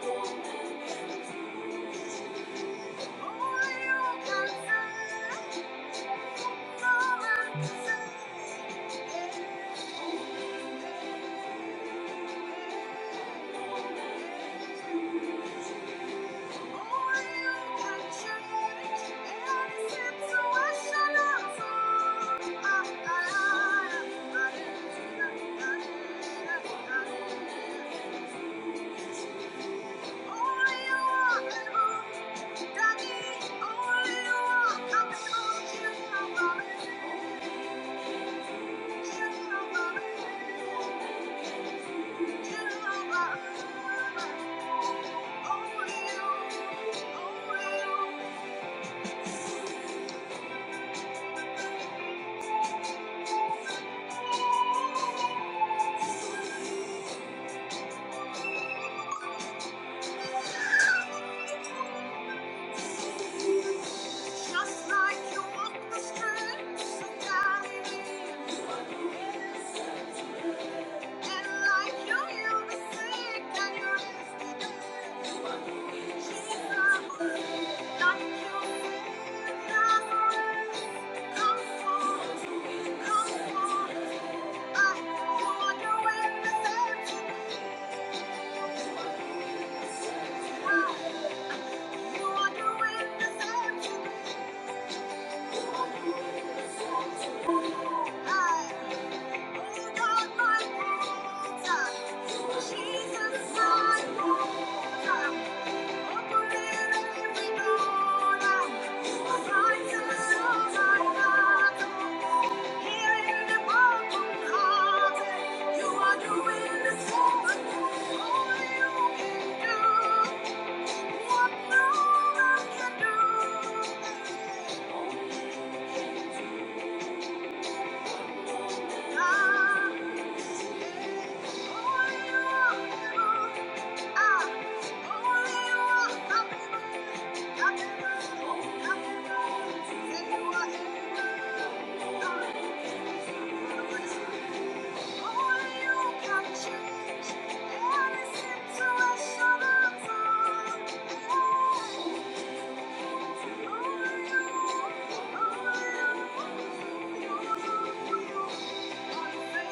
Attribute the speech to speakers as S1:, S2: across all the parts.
S1: Thank you. Daddy, only you are coming home to my mommy. Just like you walk the streets of Galilee, and like you heal the sick and you raise the dead. Jesus, like you did Lazarus, come forth, come forth. I, you are the way to save me. now. Thank you.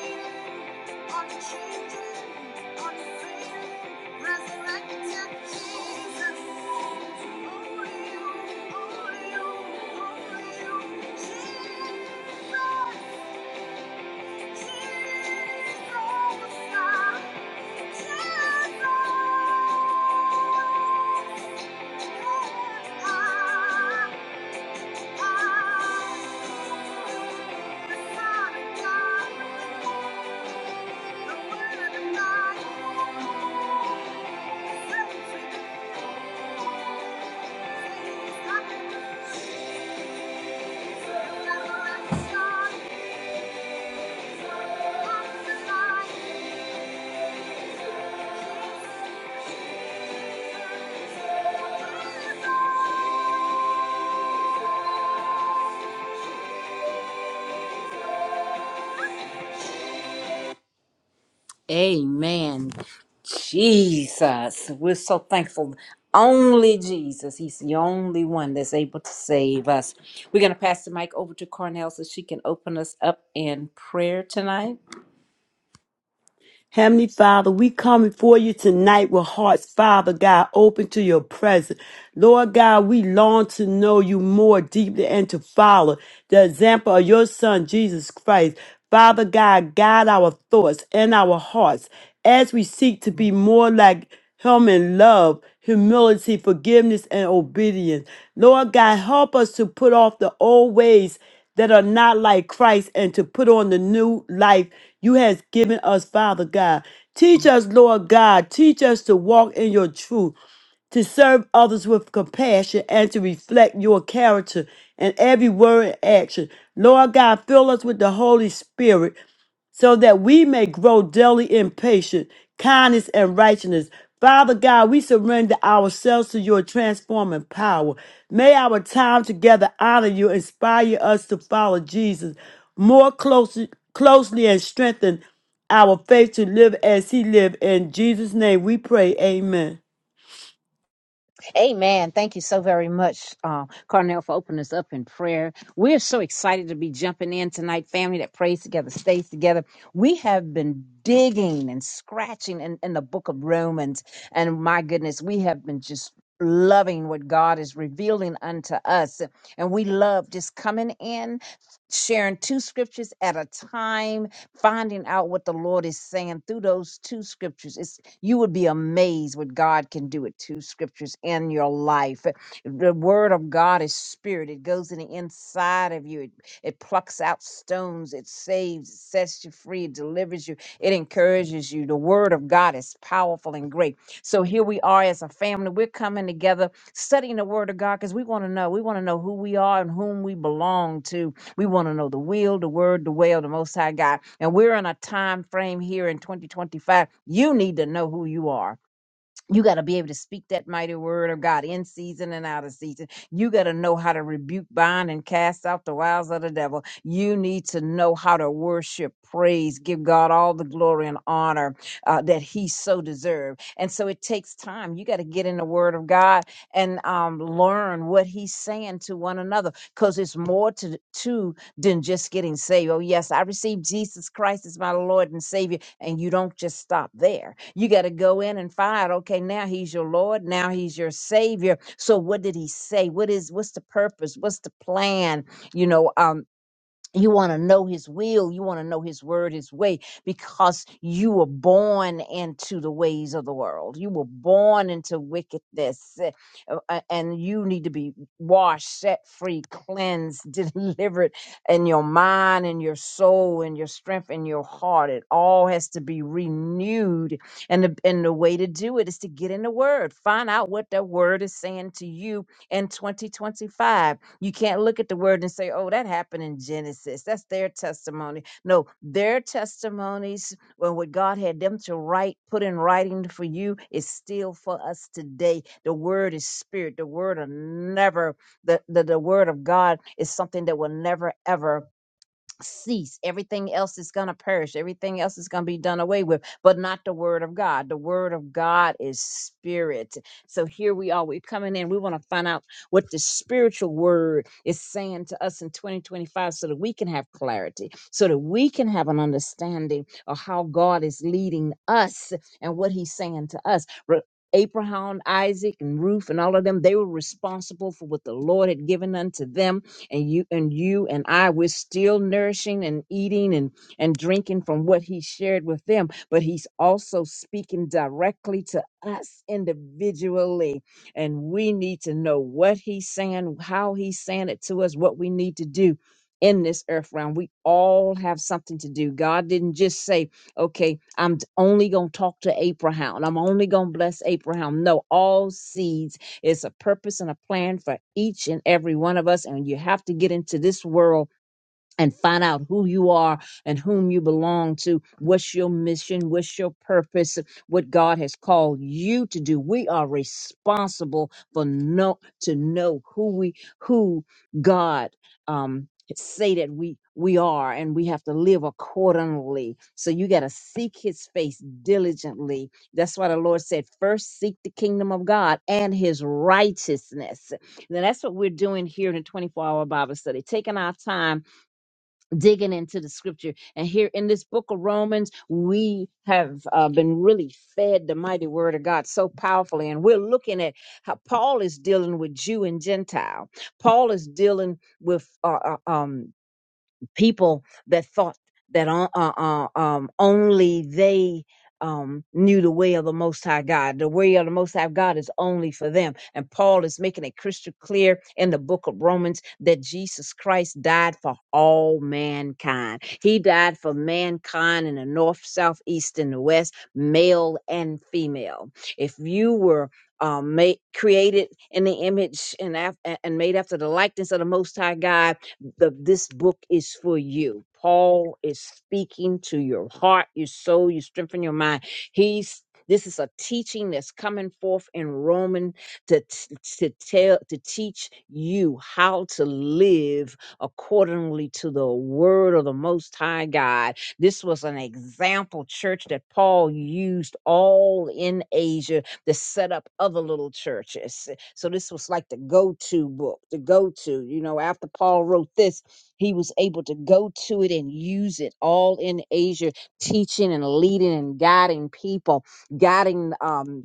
S1: Thank you. Thank you. Amen. Jesus. We're so thankful. Only Jesus. He's the only one that's able to save us. We're going to pass the mic over to Cornell so she can open us up in prayer tonight.
S2: Heavenly Father, we come before you tonight with hearts, Father God, open to your presence. Lord God, we long to know you more deeply and to follow the example of your Son, Jesus Christ. Father God, guide our thoughts and our hearts as we seek to be more like him in love, humility, forgiveness, and obedience. Lord God, help us to put off the old ways that are not like Christ and to put on the new life you has given us, Father God. Teach us, Lord God, teach us to walk in your truth to serve others with compassion and to reflect your character in every word and action. Lord God, fill us with the Holy Spirit so that we may grow daily in patience, kindness, and righteousness. Father God, we surrender ourselves to your transforming power. May our time together honor you, inspire us to follow Jesus more closely, closely and strengthen our faith to live as he lived. In Jesus' name we pray, amen.
S3: Amen. Thank you so very much, uh, Carnell, for opening us up in prayer. We're so excited to be jumping in tonight, family that prays together, stays together. We have been digging and scratching in, in the book of Romans, and my goodness, we have been just loving what God is revealing unto us. And we love just coming in, sharing two scriptures at a time finding out what the Lord is saying through those two scriptures. It's you would be amazed what God can do with two scriptures in your life. The word of God is spirit. It goes in the inside of you. It, it plucks out stones. It saves, it sets you free, it delivers you, it encourages you. The word of God is powerful and great. So here we are as a family. We're coming together studying the word of God because we want to know. We want to know who we are and whom we belong to we want to know the will, the word, the way of the Most High God. And we're in a time frame here in 2025. You need to know who you are. You got to be able to speak that mighty word of God in season and out of season. You got to know how to rebuke, bind, and cast out the wiles of the devil. You need to know how to worship, praise, give God all the glory and honor uh, that He so deserves. And so it takes time. You got to get in the Word of God and um, learn what He's saying to one another because it's more to to than just getting saved. Oh, yes, I received Jesus Christ as my Lord and Savior. And you don't just stop there. You got to go in and find out, okay, now he's your Lord, now he's your Savior. So what did he say? What is what's the purpose? What's the plan? You know, um, you want to know his will. You want to know his word, his way, because you were born into the ways of the world. You were born into wickedness, eh, uh, uh, and you need to be washed, set free, cleansed, delivered in your mind and your soul and your strength and your heart. It all has to be renewed. And the, and the way to do it is to get in the word, find out what the word is saying to you in 2025. You can't look at the word and say, oh, that happened in Genesis. That's their testimony. No, their testimonies, well, what God had them to write, put in writing for you, is still for us today. The word is spirit. The word will never, the, the, the word of God is something that will never, ever cease. Everything else is going to perish. Everything else is going to be done away with, but not the word of God. The word of God is spirit. So here we are. We're coming in. We want to find out what the spiritual word is saying to us in 2025 so that we can have clarity, so that we can have an understanding of how God is leading us and what he's saying to us. Re- Abraham, Isaac, and Ruth, and all of them, they were responsible for what the Lord had given unto them and you and you and I we're still nourishing and eating and and drinking from what he shared with them but he's also speaking directly to us individually and we need to know what he's saying how he's saying it to us what we need to do in this earth realm we all have something to do god didn't just say okay i'm d- only going to talk to abraham i'm only going to bless abraham no all seeds it's a purpose and a plan for each and every one of us. And you have to get into this world and find out who you are and whom you belong to. What's your mission? What's your purpose? What God has called you to do. We are responsible for know to know who we who God um say that we we are and we have to live accordingly so you got to seek his face diligently that's why the lord said first seek the kingdom of god and his righteousness now that's what we're doing here in the 24 hour bible study taking our time digging into the scripture. And here in this book of Romans, we have uh, been really fed the mighty word of God so powerfully. And we're looking at how Paul is dealing with Jew and Gentile. Paul is dealing with uh, uh, um, people that thought that on, uh, uh, um, only they um, knew the way of the Most High God. The way of the Most High God is only for them. And Paul is making it crystal clear in the book of Romans that Jesus Christ died for all mankind. He died for mankind in the north, south, east, and the west, male and female. If you were um, made, created in the image and, af- and made after the likeness of the Most High God, the, this book is for you. Paul is speaking to your heart, your soul, you strengthen your mind. He's this is a teaching that's coming forth in Roman to, t- to tell to teach you how to live accordingly to the word of the most high God. This was an example church that Paul used all in Asia to set up other little churches. So this was like the go to book, the go to. You know, after Paul wrote this, he was able to go to it and use it all in Asia, teaching and leading and guiding people, guiding. Um,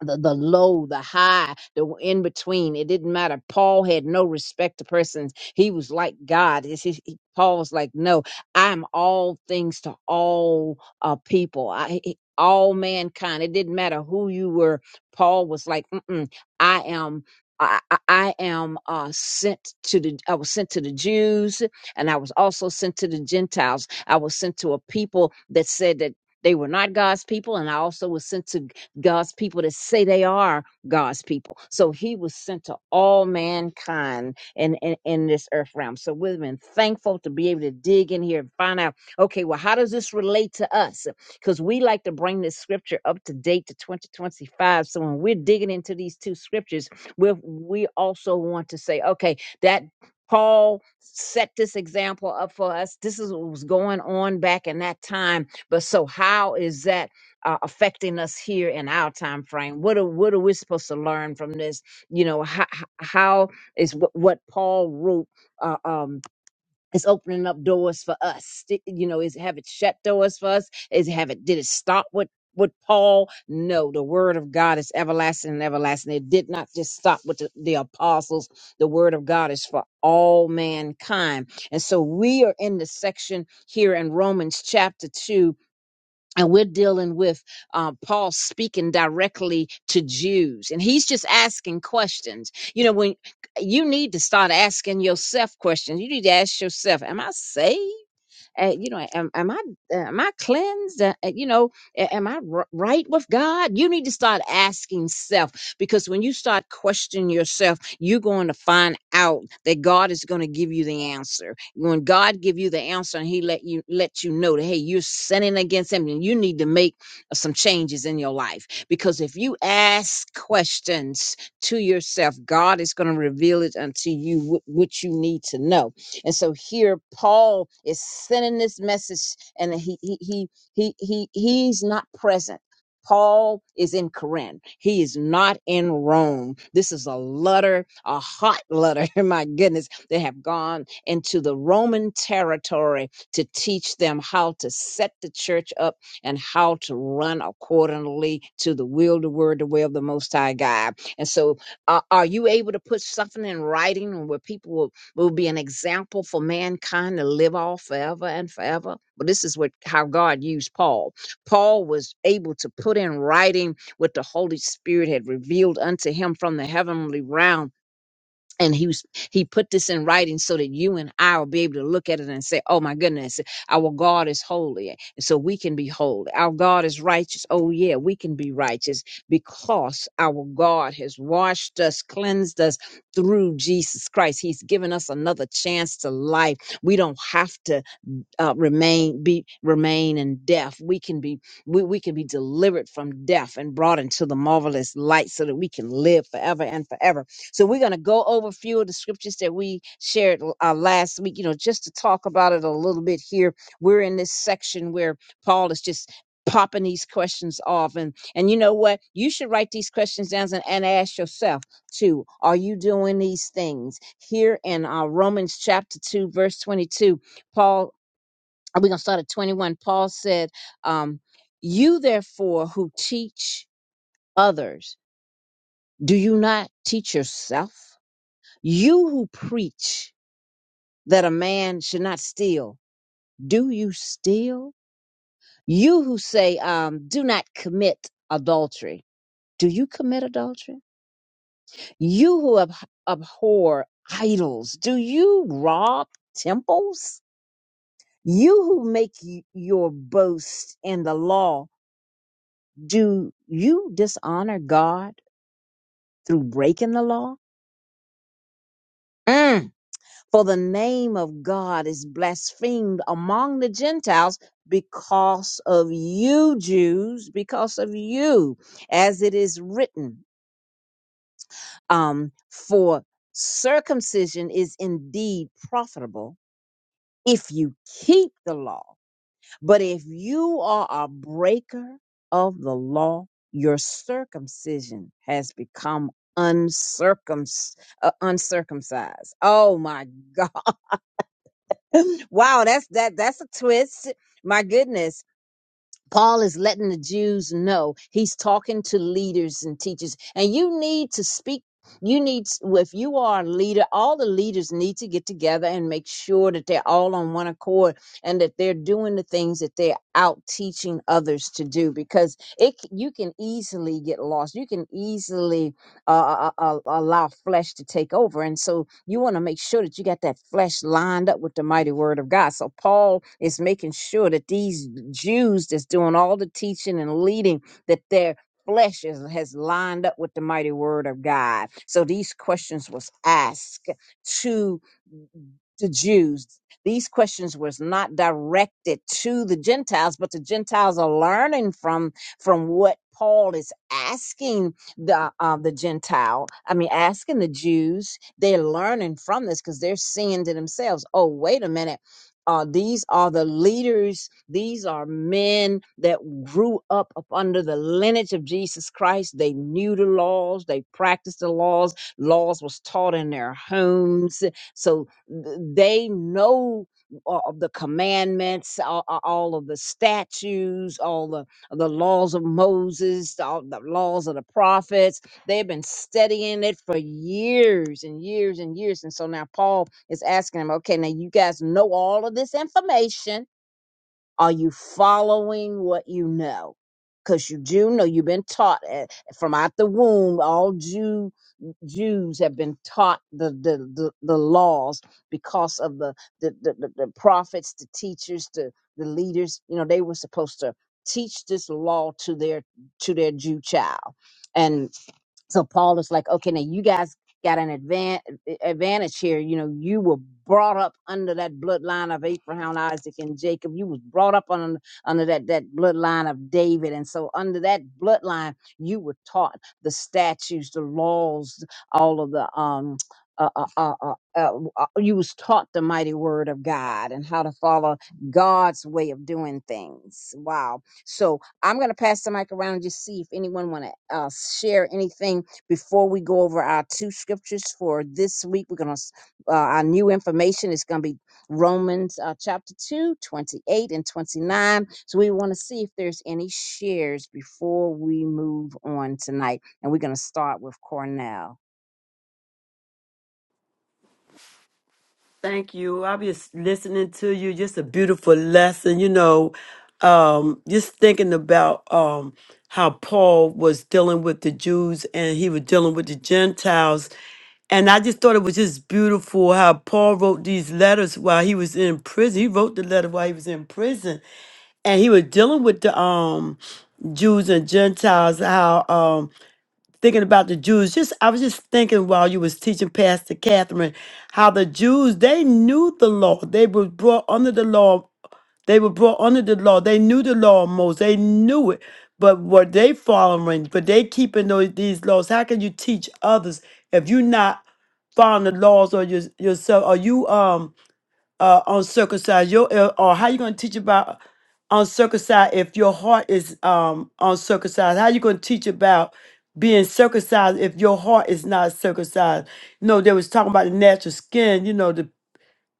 S3: the, the low, the high, the w- in between. It didn't matter. Paul had no respect to persons. He was like God. It's his- he- Paul was like, no, I'm all things to all uh, people. I, he- he- all mankind. It didn't matter who you were. Paul was like, Mm-mm, I am. I, I I am uh, sent to the. I was sent to the Jews, and I was also sent to the Gentiles. I was sent to a people that said that they were not God's people, and I also was sent to God's people that say they are God's people. So he was sent to all mankind in, in, in this earth realm. So we've been thankful to be able to dig in here and find out, okay, well, how does this relate to us? Because we like to bring this scripture up to date to 2025. So when we're digging into these two scriptures, we we also want to say, okay, that Paul set this example up for us. This is what was going on back in that time. But so how is that? uh, affecting us here in our time frame what are what are we supposed to learn from this you know how, how is what, what paul wrote uh, um is opening up doors for us Th- you know is have it shut doors for us is have it did it stop with with Paul, no, the word of God is everlasting and everlasting. It did not just stop with the, the apostles. The word of God is for all mankind. And so we are in the section here in Romans chapter 2 and we're dealing with uh, Paul speaking directly to Jews, and he's just asking questions. You know, when you need to start asking yourself questions, you need to ask yourself, "Am I saved? Uh, you know, am, am I uh, am I cleansed? Uh, uh, you know, a- am I r- right with God? You need to start asking self because when you start questioning yourself, you're going to find out that God is going to give you the answer. When God give you the answer, and He let you let you know that hey, you're sinning against Him, and you need to make uh, some changes in your life because if you ask questions to yourself, God is going to reveal it unto you what what you need to know and so here Paul is sending this message and he he he he, he he's not present. Paul is in Corinth. He is not in Rome. This is a letter, a hot letter, my goodness. They have gone into the Roman territory to teach them how to set the church up and how to run accordingly to the will, the word, the way of the Most High God. And so, uh, are you able to put something in writing where people will will be an example for mankind to live off forever and forever. But this is what how God used Paul. Paul was able to put in writing what the Holy Spirit had revealed unto him from the heavenly realm and he was, he put this in writing so that you and I will be able to look at it and say, "Oh my goodness, our God is holy, and so we can be holy. Our God is righteous. Oh yeah, we can be righteous because our God has washed us, cleansed us through Jesus Christ. He's given us another chance to life. We don't have to uh, remain be remain in death we can be we, we can be delivered from death and brought into the marvelous light so that we can live forever and forever so we're going to go over a few of the scriptures that we shared uh, last week you know just to talk about it a little bit here we're in this section where paul is just popping these questions off and and you know what you should write these questions down and, and ask yourself too are you doing these things here in uh, romans chapter 2 verse 22 Paul we're going to start at 21. Paul said, um, You therefore who teach others, do you not teach yourself? You who preach that a man should not steal, do you steal? You who say, um, Do not commit adultery, do you commit adultery? You who ab- abhor idols, do you rob temples? You who make y- your boast in the law, Do you dishonor God through breaking the law? Mm. For the name of God is blasphemed among the Gentiles because of you, Jews, because of you, as it is written. Um, for circumcision is indeed profitable if you keep the law But if you are a breaker of the law, your circumcision has become uncircumc- uh, uncircumcised. Oh my God. Wow, that's that that's a twist. My goodness. Paul is letting the Jews know he's talking to leaders and teachers, and you need to speak. You need, well, if you are a leader, all the leaders need to get together and make sure that they're all on one accord and that they're doing the things that they're out teaching others to do because it, c- you can easily get lost. You can easily uh, uh, uh, allow flesh to take over. And so you want to make sure that you got that flesh lined up with the mighty word of God. So Paul is making sure that these Jews that's doing all the teaching and leading, that their flesh is, has lined up with the mighty word of God. So these questions was asked to to Jews. These questions was not directed to the Gentiles, but the Gentiles are learning from from what Paul is asking the uh, the Gentile. I mean, asking the Jews. They're learning from this because they're seeing to themselves. Oh, wait a minute. Uh, these are the leaders. These are men that grew up, up under the lineage of Jesus Christ. They knew the laws. They practiced the laws. Laws was taught in their homes. So th- they know a- of the commandments, a- a- all of the statutes, all the, the laws of Moses, all the laws of the prophets. They've been studying it for years and years and years. And so now Paul is asking them, okay, now you guys know all of this information are you following what you know? Because you do know you've been taught eh, from out the womb. All Jew Jews have been taught the the, the, the laws because of the the, the the the prophets, the teachers, the the leaders. You know they were supposed to teach this law to their to their Jew child, and so Paul is like, okay, now you guys got an advan- advantage here. You know, you were brought up under that bloodline of Abraham, Isaac, and Jacob. You was brought up under under that that bloodline of David, and so under that bloodline, you were taught the statutes, the laws, all of the um. Uh, uh, uh, uh, uh, uh, you was taught the mighty word of God and how to follow God's way of doing things. Wow. So I'm going to pass the mic around and just see if anyone want to uh, share anything before we go over our two scriptures for this week. We're going to, uh, our new information is going to be Romans uh, chapter 2 28 and 29. So we want to see if there's any shares before we move on tonight. And we're going to start with Cornell.
S2: Thank you. I was listening to you. Just a beautiful lesson, you know. Um, just thinking about um how Paul was dealing with the Jews and he was dealing with the Gentiles. And I just thought it was just beautiful how Paul wrote these letters while he was in prison. He wrote the letter while he was in prison. And he was dealing with the um Jews and Gentiles, how um thinking about the Jews. Just I was just thinking while you was teaching Pastor Catherine how the Jews they knew the law. They were brought under the law. They were brought under the law. They knew the law of Moses. They knew it. But were they following? But they keeping those, these laws. How can you teach others if you're not following the laws or your, yourself? Are you um? uh, uncircumcised? Your, uh, or how you going to teach about uncircumcised if your heart is um, uncircumcised? How you going to teach about being circumcised if your heart is not circumcised? You know, they was talking about the natural skin. You know, the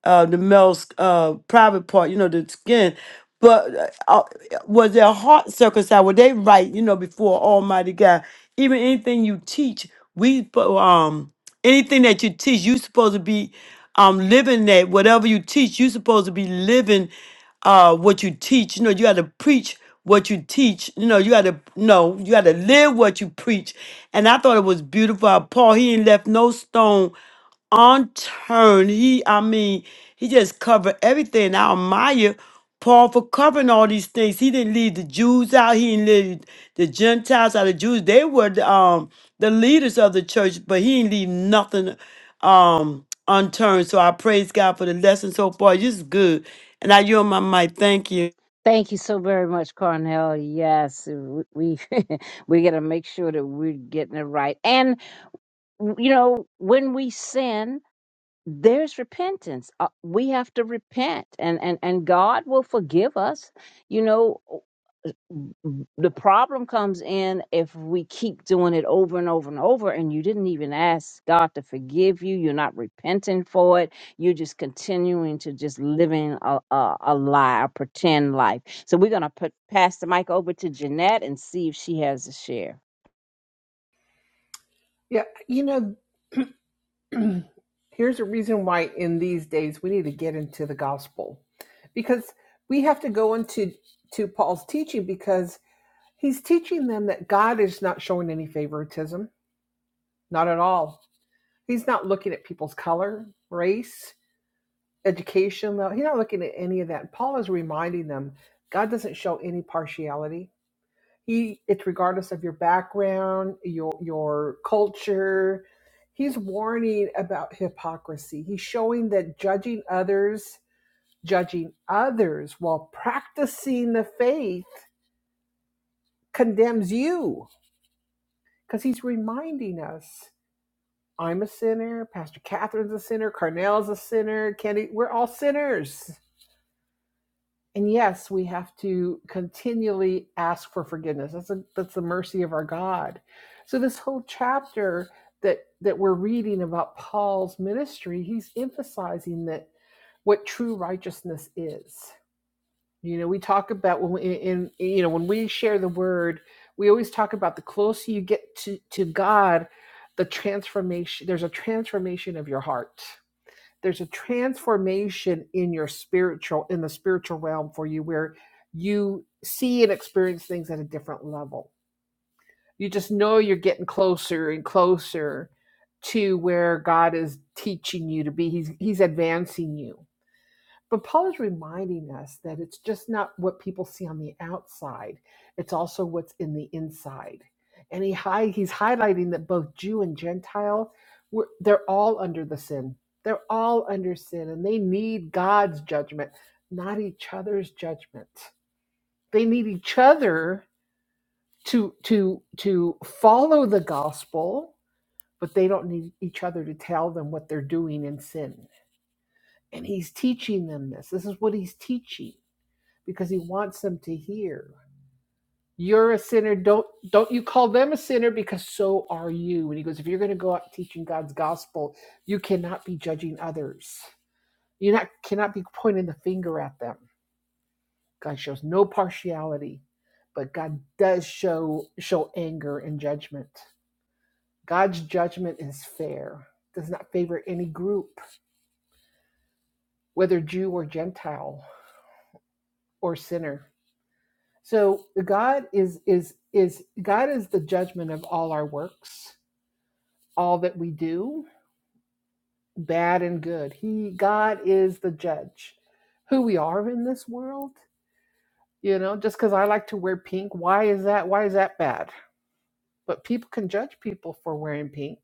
S2: uh, the male's uh, private part, you know, the skin. But uh, uh, was their heart circumcised? Were they right, you know, before Almighty God? Even anything you teach, we spo- um anything that you teach, you supposed to be um living that. Whatever you teach, you supposed to be living uh what you teach. You know, you got to preach what you teach. You know, you got to no, you got to live what you preach. And I thought it was beautiful. how Paul he ain't left no stone unturned. He, I mean, he just covered everything. I admire Paul for covering all these things. He didn't leave the Jews out. He didn't leave the Gentiles out. The Jews, they were the, um, the leaders of the church, but he didn't leave nothing um, unturned. So I praise God for the lesson so far. This is good. And I yield my mic. Thank you.
S3: Thank you so very much, Cornell. Yes, w- we we got to make sure that we're getting it right. And you know, when we sin, there's repentance uh, we have to repent and and and god will forgive us you know the problem comes in if we keep doing it over and over and over and you didn't even ask god to forgive you you're not repenting for it you're just continuing to just living a, a, a lie a pretend life so we're going to put pass the mic over to jeanette and see if she has a share
S4: Yeah, you know, here's a reason why in these days we need to get into the gospel because we have to go into to Paul's teaching because he's teaching them that God is not showing any favoritism, not at all. He's not looking at people's color, race, education. no, He's not looking at any of that. Paul is reminding them God doesn't show any partiality He it's regardless of your background, your your culture. He's warning about hypocrisy. He's showing that judging others, judging others while practicing the faith condemns you. Because he's reminding us, I'm a sinner, Pastor Catherine's a sinner, Carnell's a sinner, Candy, we're all sinners And yes, we have to continually ask for forgiveness. That's a, that's the mercy of our God. So this whole chapter that that we're reading about Paul's ministry, he's emphasizing that what true righteousness is. You know, we talk about when we, in in- you know when we share the word, we always talk about the closer you get to to God, the transformation. There's a transformation of your heart there's a transformation in your spiritual in the spiritual realm for you where you see and experience things at a different level you just know you're getting closer and closer to where god is teaching you to be he's he's advancing you but Paul is reminding us that it's just not what people see on the outside, it's also what's in the inside. And he high, he's highlighting that both Jew and Gentile, were, they're all under the sin. They're all under sin and they need God's judgment, not each other's judgment. They need each other to to to follow the gospel, but they don't need each other to tell them what they're doing in sin. And he's teaching them this. This is what he's teaching because he wants them to hear you're a sinner don't don't you call them a sinner because so are you and he goes if you're going to go out teaching god's gospel you cannot be judging others you not cannot be pointing the finger at them god shows no partiality but god does show show anger and judgment god's judgment is fair does not favor any group whether jew or gentile or sinner So God is is is God is the judgment of all our works, all that we do, bad and good. He God is the judge. Who we are in this world, you know, just because I like to wear pink, why is that? Why is that bad? But people can judge people for wearing pink.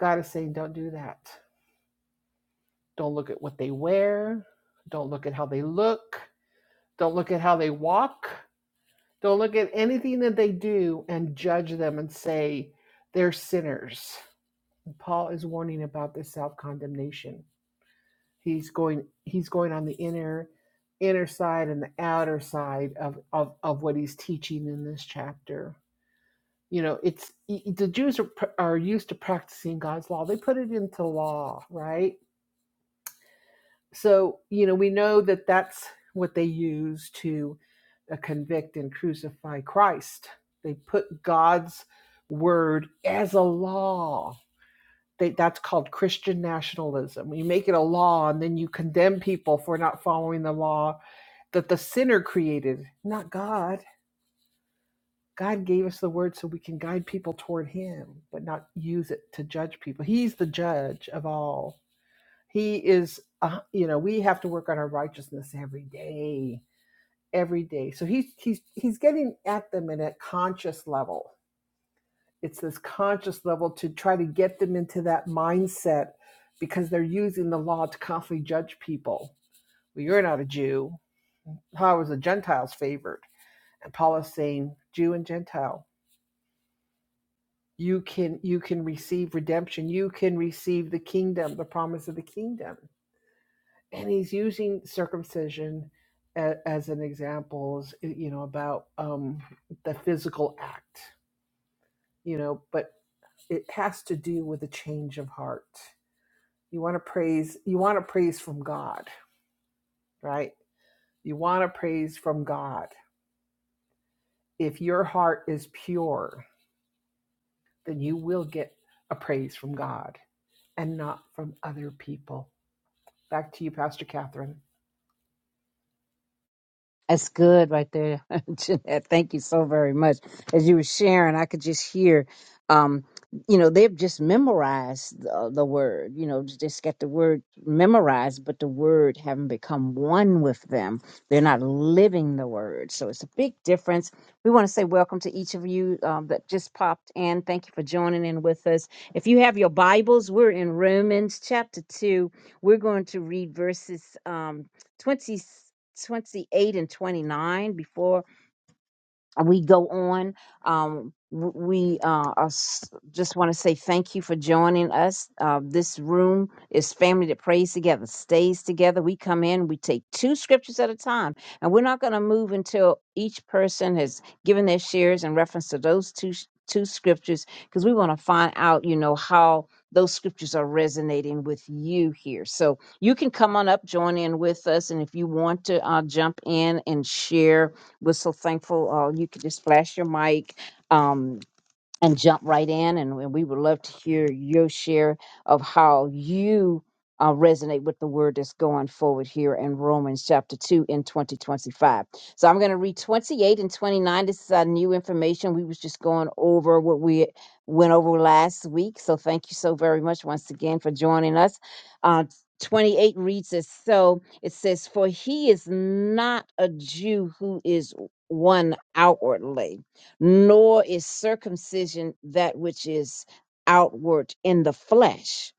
S4: God is saying, don't do that. Don't look at what they wear. Don't look at how they look. Don't look at how they walk. Don't look at anything that they do and judge them and say they're sinners. Paul is warning about this self-condemnation. He's going he's going on the inner inner side and the outer side of of, of what he's teaching in this chapter. You know, it's e, e, the Jews are, are used to practicing God's law. They put it into law, right? so you know we know that that's what they use to uh, convict and crucify christ they put god's word as a law they, that's called christian nationalism you make it a law and then you condemn people for not following the law that the sinner created not god god gave us the word so we can guide people toward him but not use it to judge people he's the judge of all he is, uh, you know, we have to work on our righteousness every day, every day. So he's he's he's getting at them in a conscious level. It's this conscious level to try to get them into that mindset because they're using the law to constantly judge people. Well, you're not a Jew. How is the Gentiles favored? And Paul is saying, Jew and Gentile, you can you can receive redemption. You can receive the kingdom, the promise of the kingdom and he's using circumcision as, as an example, you know, about um, the physical act, you know, but it has to do with a change of heart. You want to praise, you want to praise from God, right? You want to praise from God. If your heart is pure, then you will get a praise from God and not from other people. Back to you, Pastor Catherine.
S3: That's good right there, Jeanette. Thank you so very much. As you were sharing, I could just hear, um, you know, they've just memorized the, the word, you know, just got the word memorized, but the word haven't become one with them. They're not living the word. So it's a big difference. We want to say welcome to each of you um, that just popped in. Thank you for joining in with us. If you have your Bibles, we're in Romans chapter 2. We're going to read verses um, 20. 28 and 29 before we go on. Um, w- we uh, are s- just want to say thank you for joining us. Uh, this room is family that prays together, stays together. We come in, we take two scriptures at a time, and we're not going to move until each person has given their shares in reference to those two sh- two scriptures, because we want to find out, you know, how those scriptures are resonating with you here. So you can come on up, join in with us, and if you want to uh, jump in and share was so thankful. Uh, you could just flash your mic. Um, and jump right in. And we we would love to hear your share of how you uh, resonate with the word that's going forward here in Romans chapter 2 in 2025. So I'm going to read 28 and 29. This is our new information. We was just going over what we went over last week. So thank you so very much once again for joining us. Uh, 28 reads as so it says, For he is not a Jew who is one outwardly nor is circumcision that which is outward in the flesh,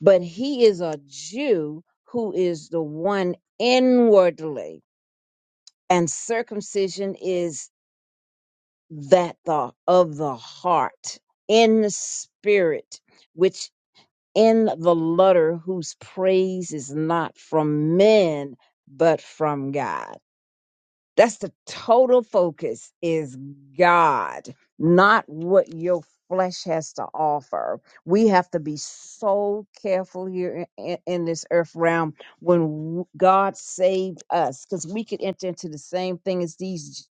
S3: but he is a Jew who is the one inwardly, and circumcision is that the of the heart in the spirit, which in the letter whose praise is not from men but from God. That's the total focus is God, not what your flesh has to offer. We have to be so careful here in, in- this earth realm when w- God saved us, because we could enter into the same thing as these.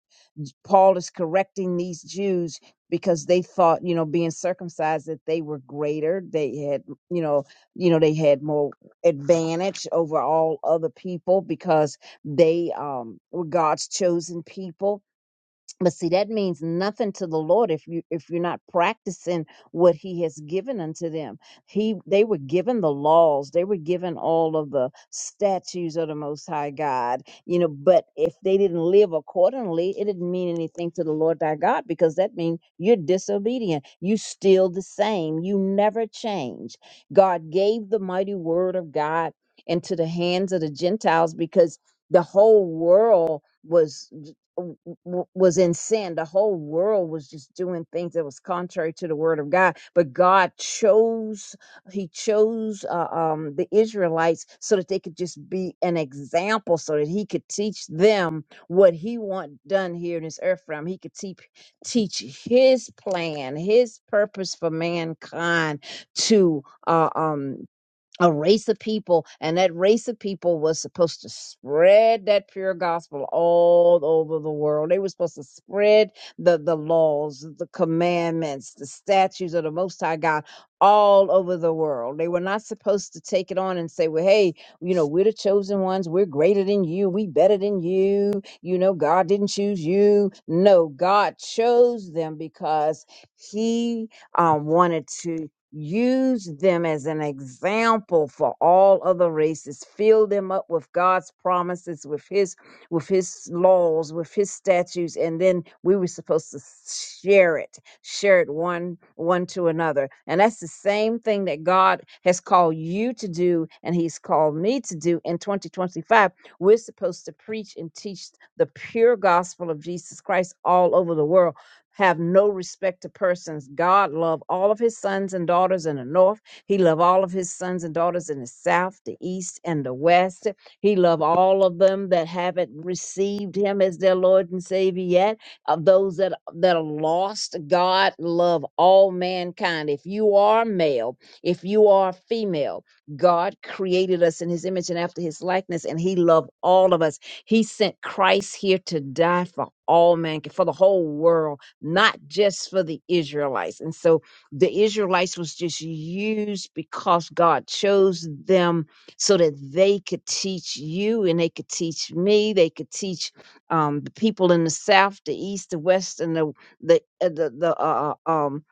S3: Paul is correcting these Jews because they thought, you know, being circumcised that they were greater. They had, you know, you know, they had more advantage over all other people because they um, were God's chosen people but see that means nothing to the lord if you if you're not practicing what he has given unto them he they were given the laws they were given all of the statues of the most high god you know but if they didn't live accordingly it didn't mean anything to the lord thy god because that means you're disobedient you still the same you never change god gave the mighty word of god into the hands of the gentiles because the whole world was w- w- was in sin. The whole world was just doing things that was contrary to the word of God. But God chose, He chose uh, um, the Israelites so that they could just be an example, so that He could teach them what He want done here in this earth realm. He could teach teach His plan, His purpose for mankind to uh, um a race of people, and that race of people was supposed to spread that pure gospel all over the world. They were supposed to spread the, the laws, the commandments, the statutes of the Most High God all over the world. They were not supposed to take it on and say, well, hey, you know, we're the chosen ones. We're greater than you. We better than you. You know, God didn't choose you. No, God chose them because He um, wanted to. Use them as an example for all other races. Fill them up with God's promises, with His, with His laws, with His statutes, and then we were supposed to share it, share it one one to another. And that's the same thing that God has called you to do, and He's called me to do in 2025. We're supposed to preach and teach the pure gospel of Jesus Christ all over the world have no respect to persons. God loved all of his sons and daughters in the north. He loved all of his sons and daughters in the south, the east, and the west. He loved all of them that haven't received him as their Lord and Savior yet. Of those that, that are lost, God love all mankind. If you are male, if you are female, God created us in his image and after his likeness, and he loved all of us. He sent Christ here to die for all mankind, for the whole world not just for the Israelites. And so the Israelites was just used because God chose them so that they could teach you and they could teach me. They could teach um, the people in the South, the East, the West, and the the uh, the, the uh, uh, um.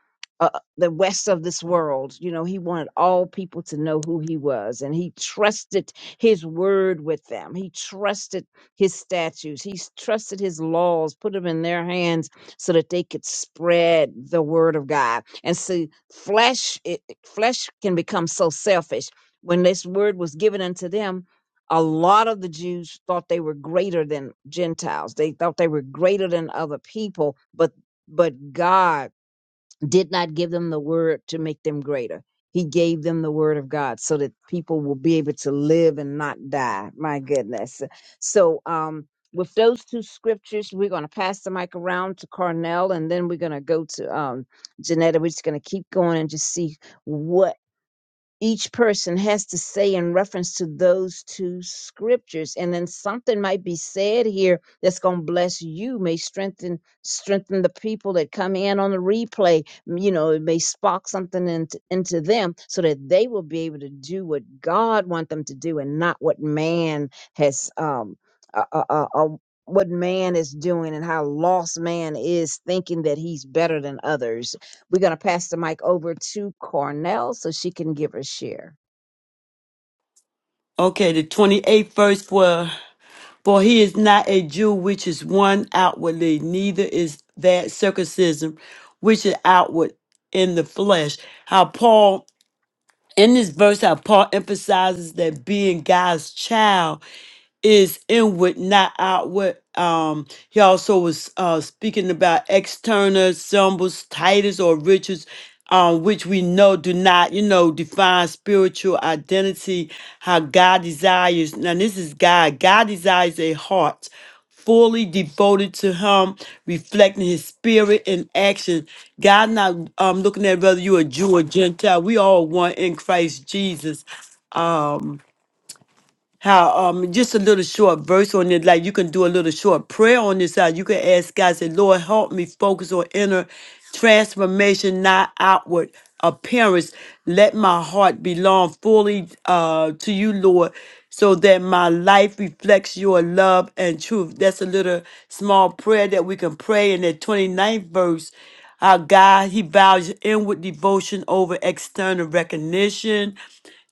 S3: Uh, the west of this world, you know, he wanted all people to know who he was, and he trusted his word with them. He trusted his statutes. He s- trusted his laws, put them in their hands so that they could spread the word of God. And see, flesh it, flesh can become so selfish. When this word was given unto them, a lot of the Jews thought they were greater than Gentiles. They thought they were greater than other people, but but God did not give them the word to make them greater. He gave them the word of God so that people will be able to live and not die. My goodness. So, um, with those two scriptures, we're going to pass the mic around to Carnell and then we're going to go to um, Janetta. We're just going to keep going and just see what each person has to say in reference to those two scriptures and then something might be said here that's going to bless you may strengthen strengthen the people that come in on the replay M- you know it may spark something into, into them so that they will be able to do what god wants them to do and not what man has um uh, uh, uh, uh, what man is doing and how lost man is thinking that he's better than others we're going to pass the mic over to Cornell so she can give her share.
S2: Okay, the 28th verse For he is not a Jew which is one outwardly, neither is that circumcision which is outward in the flesh. How Paul, in this verse, how Paul emphasizes that being God's child is inward, not outward. Um, he also was uh, speaking about external symbols, titles, or rituals, um, which we know do not, you know, define spiritual identity, how God desires. Now, this is God. God desires a heart fully devoted to Him, reflecting His spirit in action. God, not um, looking at whether you're a Jew or Gentile, we all one in Christ Jesus how um just a little short verse on it, like you can do a little short prayer on this side. You can ask God, say, Lord, help me focus on inner transformation, not outward appearance. Let my heart belong fully uh to you, Lord, so that my life reflects your love and truth. That's a little small prayer that we can pray in that twenty ninth verse. Our God, He values inward devotion over external recognition.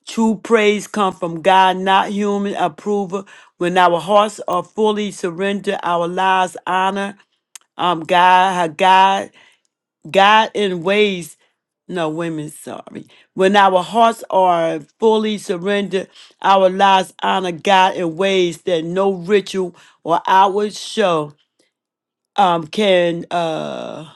S2: True praise come from God, not human approval. When our hearts are fully surrendered, our lives honor um God, how God, God in ways. No, women, sorry. When our hearts are fully surrendered, our lives honor God in ways that no ritual or outward show um can. uh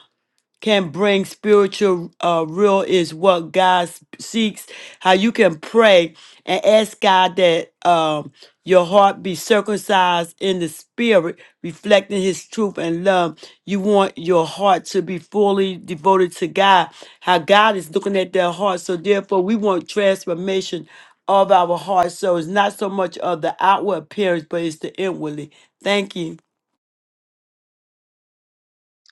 S2: can bring spiritual uh, real is what God s- seeks. How you can pray and ask God that um, your heart be circumcised in the spirit, reflecting His truth and love. You want your heart to be fully devoted to God. How God is looking at their heart. So therefore, we want transformation of our heart. So it's not so much of the outward appearance, but it's the inwardly. Thank you.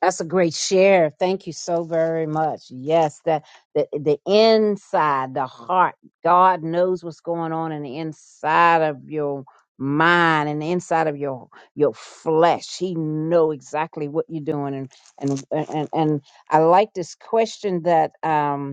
S3: That's a great share. Thank you so very much. Yes, that the the inside, the heart. God knows what's going on in the inside of your mind and the inside of your your flesh. He know exactly what you're doing and and and and and I like this question that um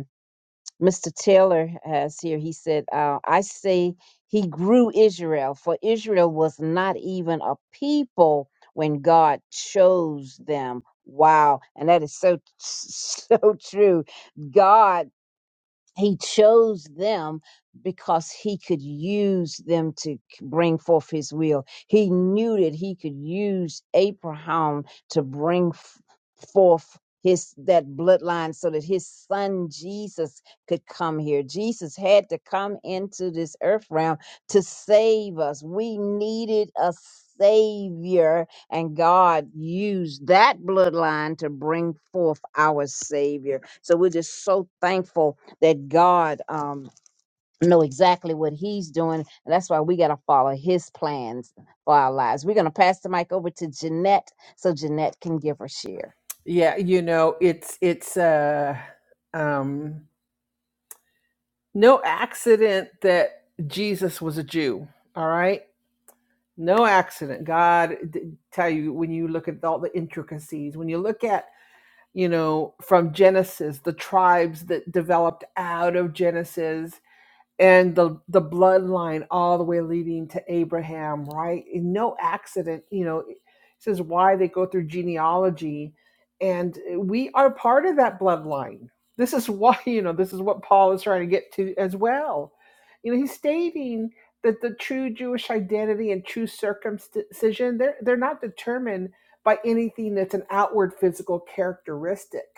S3: Mr. Taylor has here, he said, uh, I say he grew Israel, for Israel was not even a people when God chose them. Wow. And that is so, so true. God he chose them because he could use them to c- bring forth his will. He knew that he could use Abraham to bring f- forth his that bloodline so that his son Jesus could come here. Jesus had to come into this earth realm to save us. We needed a savior and God used that bloodline to bring forth our savior. So we're just so thankful that God um know exactly what he's doing. And that's why we gotta follow his plans for our lives. We're gonna pass the mic over to Jeanette so Jeanette can give her share.
S4: Yeah, you know, it's it's uh um no accident that Jesus was a Jew, all right? No accident. God d- tell you when you look at all the intricacies, when you look at, you know, from Genesis, the tribes that developed out of Genesis and the the bloodline all the way leading to Abraham, right? And no accident, you know. It says why they go through genealogy, and uh, we are part of that bloodline. This is why you know this is what Paul is trying to get to as well. You know, he's stating that the true Jewish identity and true circumcision they're they're not determined by anything that's an outward physical characteristic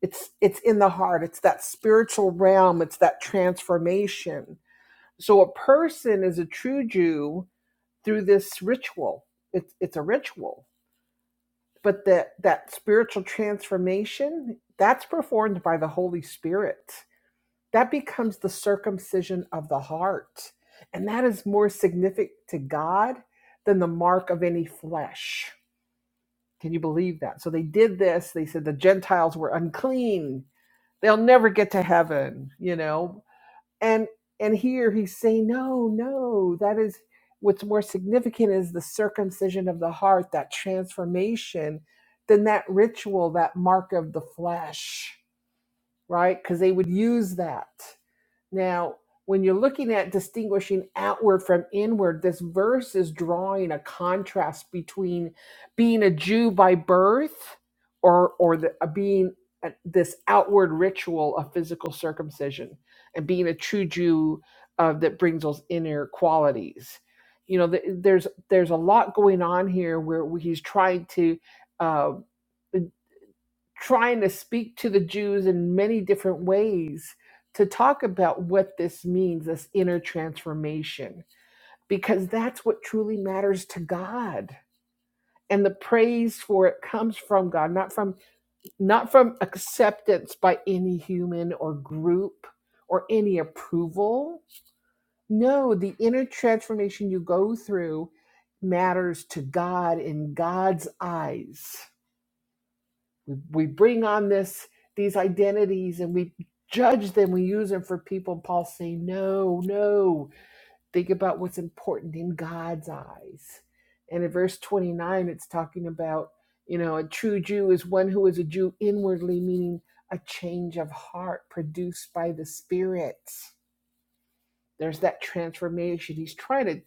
S4: it's it's in the heart it's that spiritual realm it's that transformation so a person is a true jew through this ritual it's it's a ritual but that that spiritual transformation that's performed by the holy spirit that becomes the circumcision of the heart and that is more significant to god than the mark of any flesh can you believe that so they did this they said the gentiles were unclean they'll never get to heaven you know and and here he's saying no no that is what's more significant is the circumcision of the heart that transformation than that ritual that mark of the flesh right because they would use that now, when you're looking at distinguishing outward from inward, this verse is drawing a contrast between being a Jew by birth or or the, uh, being a- this outward ritual of physical circumcision and being a true Jew uh, that brings those inner qualities. You know, th- there's there's a lot going on here where he's trying to. Uh, trying to speak to the Jews in many different ways to talk about what this means, this inner transformation, because that's what truly matters to God. And the praise for it comes from God, not from not from acceptance by any human or group or any approval. No, the inner transformation you go through matters to God in God's eyes we, we bring on this these identities and we judge them we use them for people and paul's saying no no think about what's important in god's eyes and in verse 29 it's talking about you know a true jew is one who is a jew inwardly meaning a change of heart produced by the spirit there's that transformation. He's trying to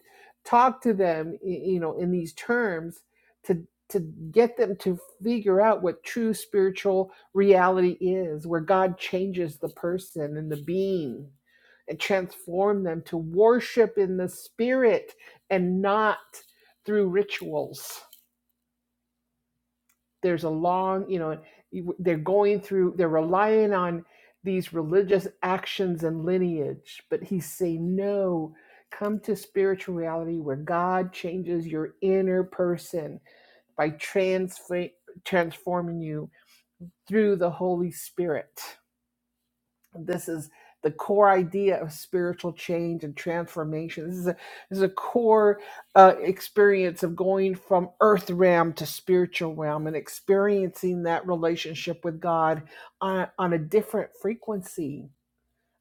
S4: talk to them, you know, in these terms to to get them to figure out what true spiritual reality is, where God changes the person and the being and transform them to worship in the spirit and not through rituals there's a long you know they're going through they're relying on these religious actions and lineage but he's saying no come to spiritual reality where god changes your inner person by transfer- transforming you through the holy spirit this is the core idea of spiritual change and transformation. This is a this is a core uh, experience of going from earth realm to spiritual realm and experiencing that relationship with God on, on a different frequency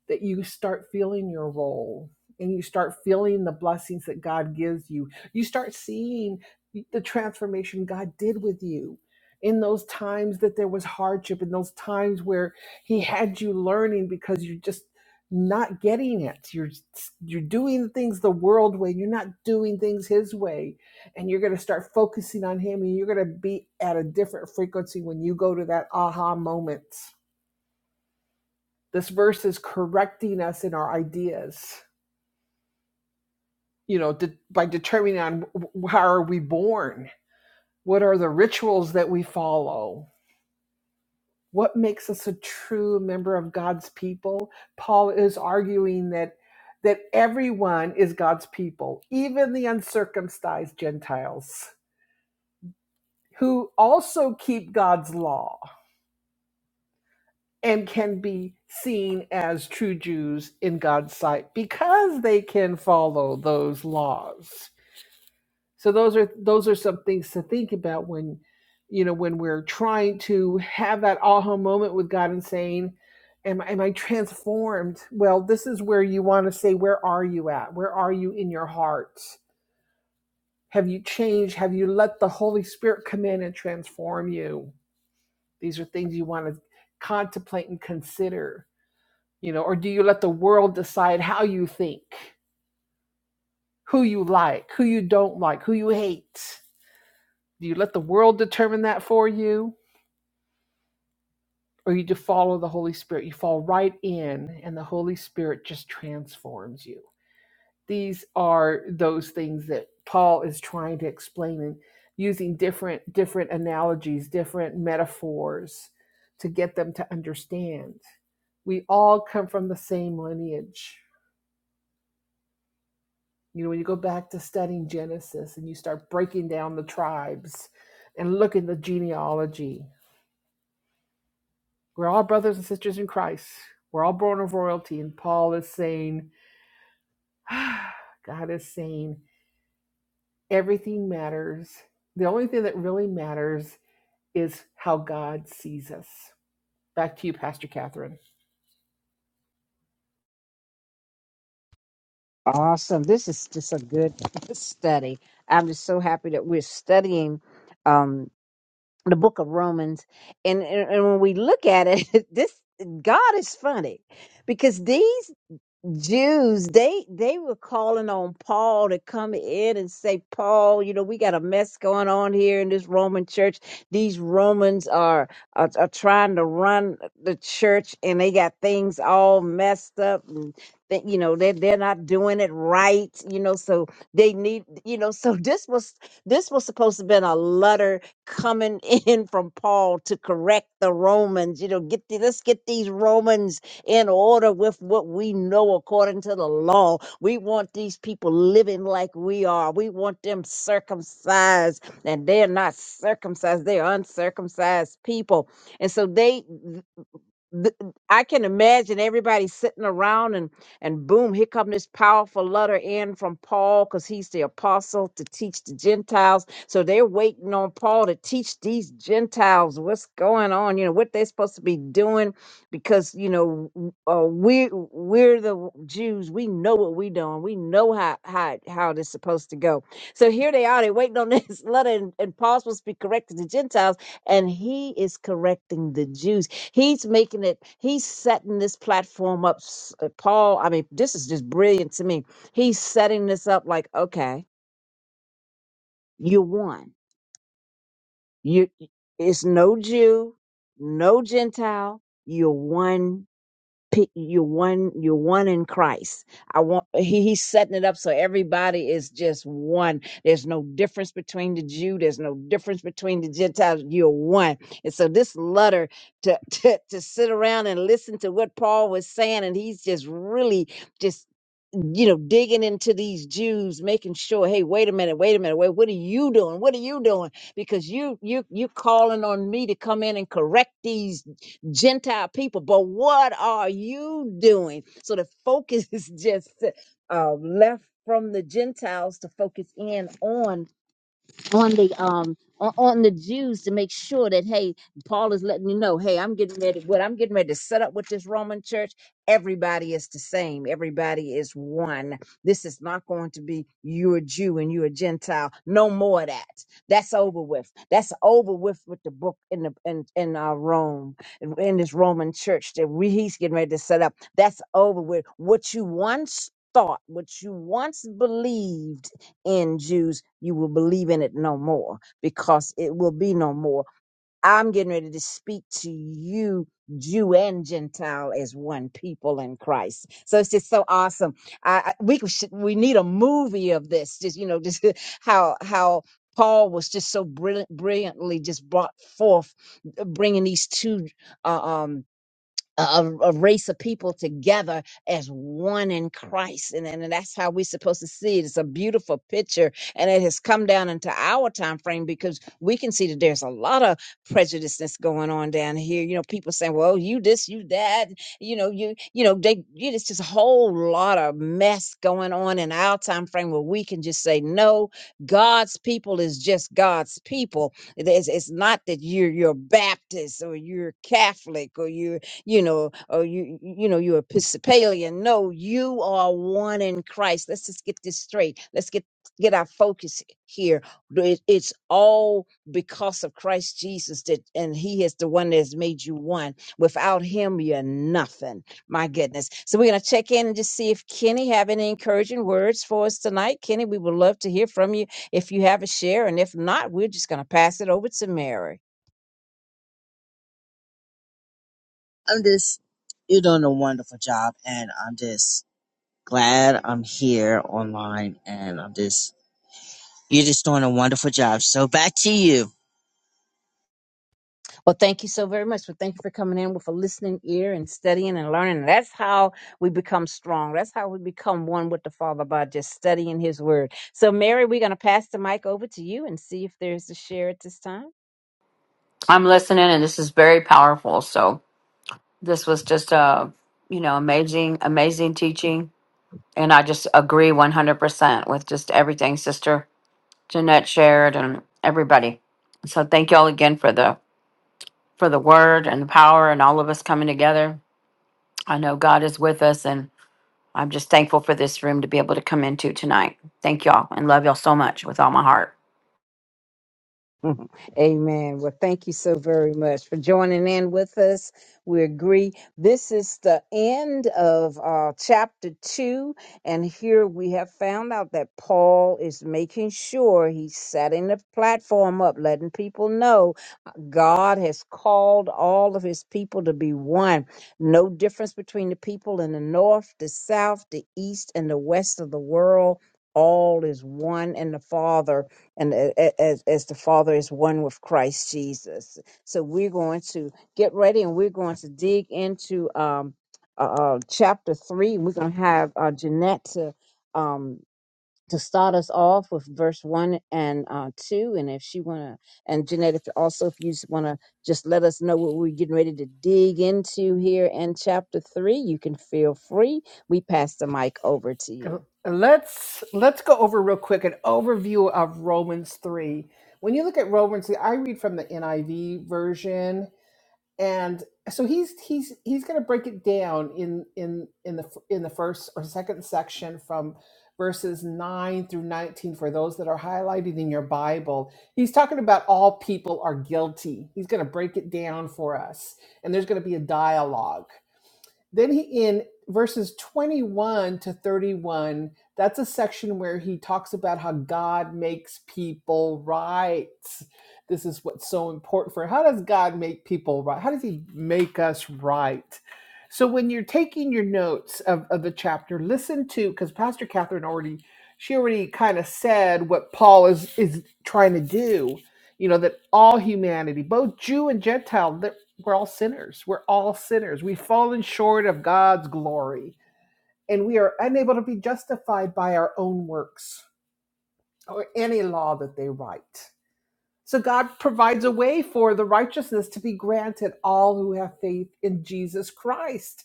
S4: that you start feeling your role and you start feeling the blessings that God gives you. You start seeing the transformation God did with you in those times that there was hardship, in those times where He had you learning because you are just not getting it you're you're doing things the world way you're not doing things his way and you're going to start focusing on him and you're going to be at a different frequency when you go to that aha moment this verse is correcting us in our ideas, you know, de- by determining on how are we born? What are the rituals that we follow? What makes us a true member of God's people? Paul is arguing that that everyone is God's people, even the uncircumcised Gentiles who also keep God's law and can be seen as true Jews in God's sight because they can follow those laws. So those are those are some things to think about when you know when we're trying to have that aha moment with God and saying, "Am am I transformed?" Well, this is where you want to say, "Where are you at? Where are you in your heart? Have you changed? Have you let the Holy Spirit come in and transform you?" These are things you want to contemplate and consider. You know, or do you let the world decide how you think, who you like, who you don't like, who you hate? Do you let the world determine that for you? Or you just follow the Holy Spirit? You fall right in, and the Holy Spirit just transforms you. These are those things that Paul is trying to explain and using different different analogies, different metaphors to get them to understand. We all come from the same lineage. You know, when you go back to studying Genesis and you start breaking down the tribes and look at the genealogy, We're all brothers and sisters in Christ. We're all born of royalty. And Paul is saying, ah, God is saying, everything matters. The only thing that really matters is how God sees us. Back to you, Pastor Catherine.
S3: Awesome. This is just a good study. I'm just so happy that we're studying um the book of Romans. And and, and when we look at it, this God is funny because these Jews, they they were calling on Paul to come in and say, Paul, you know, we got a mess going on here in this Roman church. These Romans are are, are trying to run the church, and they got things all messed up. And that you know, they they're not doing it right. You know, so they need, you know, so this was this was supposed to have been a letter coming in from Paul to correct the Romans. You know, get the, let's get these Romans in order with what we know according to the law. We want these people living like we are. We want them circumcised, and they're not circumcised, they're uncircumcised people. And so they th- I can imagine everybody sitting around and and boom, here come this powerful letter in from Paul because he's the apostle to teach the Gentiles. So they're waiting on Paul to teach these Gentiles what's going on, you know, what they're supposed to be doing, because you know w- uh, we we're the w- Jews, we know what we doing, we know how how how this supposed to go. So here they are, they're waiting on this letter, and, and Paul's supposed to be correcting the Gentiles, and he is correcting the Jews He's making it, he's setting this platform up. s- uh, Paul, I mean, this is just brilliant to me. He's setting this up like, okay, you won. You y- it's no Jew, no Gentile, you're one pick you're one you're one in christ i want he, he's setting it up so everybody is just one there's no difference between the jew there's no difference between the gentiles you're one and so this letter to to, to sit around and listen to what paul was saying and he's just really just you know, digging into these Jews, making sure, hey, wait a minute, wait a minute, wait, what are you doing? What are you doing? Because you you you calling on me to come in and correct these Gentile people, but what are you doing? So the focus is just uh, left from the Gentiles to focus in on on the um on, on the Jews to make sure that hey, Paul is letting you know, hey, I'm getting ready. What I'm getting ready to set up with this Roman church, everybody is the same. Everybody is one. This is not going to be you're a Jew and you're a Gentile. No more of that. That's over with. That's over with with the book in the in in uh, Rome in, in this Roman church that we he's getting ready to set up. That's over with. What you once thought, what you once believed in Jews, you will believe in it no more because it will be no more. I'm getting ready to speak to you, Jew and Gentile, as one people in Christ. So it's just so awesome. I, I we should, we need a movie of this. Just you know, just how how Paul was just so brilliant, brilliantly just brought forth, uh, bringing these two. Uh, um, a, a race of people together as one in Christ. And, and that's how we're supposed to see it. It's a beautiful picture. And it has come down into our time frame because we can see that there's a lot of prejudice that's going on down here. You know, people saying, well, you this, you that, you know, you, you know, they, you, it's just a whole lot of mess going on in our time frame where we can just say, no, God's people is just God's people. It is- It's, not that you're, you're Baptist or you're Catholic or you're you know, or you, you know, you're Episcopalian. No, you are one in Christ. Let's just get this straight. Let's get get our focus here. It- It's all because of Christ Jesus that, and He is the one that's made you one. Without Him, you're nothing. My goodness. So we're gonna check in and just see if Kenny have any encouraging words for us tonight. Kenny, we would love to hear from you if you have a share, and if not, we're just gonna pass it over to Mary.
S5: I'm just, you're doing a wonderful job, and I'm just glad I'm here online, and I'm just, you're just doing a wonderful job. So back to you.
S3: Well, thank you so very much. Well, thank you for coming in with a listening ear and studying and learning. That's how we become strong. That's how we become one with the Father by just studying His Word. So, Mary, we're going to pass the mic over to you and see if there's a share at this time.
S6: I'm listening, and this is very powerful. So this was just a you know amazing, amazing teaching, and I just agree 100 percent with just everything Sister Jeanette shared and everybody. So thank y'all again for the for the word and the power and all of us coming together. I know God is with us, and I'm just thankful for this room to be able to come into tonight. Thank y'all and love y'all so much with all my heart.
S3: Mhm. Amen. Well, thank you so very much for joining in with us. We agree. This is the end of uh, chapter two. And here we have found out that Paul is making sure he's setting the platform up, letting people know uh, God has called all of his people to be one. No difference between the people in the north, the south, the east, and the west of the world. All is one in the Father and a- a- as, as the Father is one with Christ Jesus. So we're going to get ready and we're going to dig into um, uh, uh, chapter three. We're going to have uh, Jeanette to um, to start us off with verse one and uh, two, and if she want to, and Jeanette, if also if you just want to just let us know what we're getting ready to dig into here in chapter three, you can feel free. We pass the mic over to you.
S4: Uh, Let's let's go over real quick an overview of Romans 3. When you look at Romans 3, I read from the NIV version and so he's he's he's going to break it down in in in the in the first or second section from verses 9 through 19 for those that are highlighted in your Bible. He's talking about all people are guilty. He's going to break it down for us and there's going to be a dialogue. Then he in verses 21 to 31, that's a section where he talks about how God makes people right. This is what's so important for him. how does God make people right? How does he make us right? So when you're taking your notes of, of the chapter, listen to because Pastor Catherine already she already kind of said what Paul is is trying to do. You know, that all humanity, both Jew and Gentile, we're all sinners. We're all sinners. We've fallen short of God's glory, and we are unable to be justified by our own works or any law that they write. So God provides a way for the righteousness to be granted all who have faith in Jesus Christ.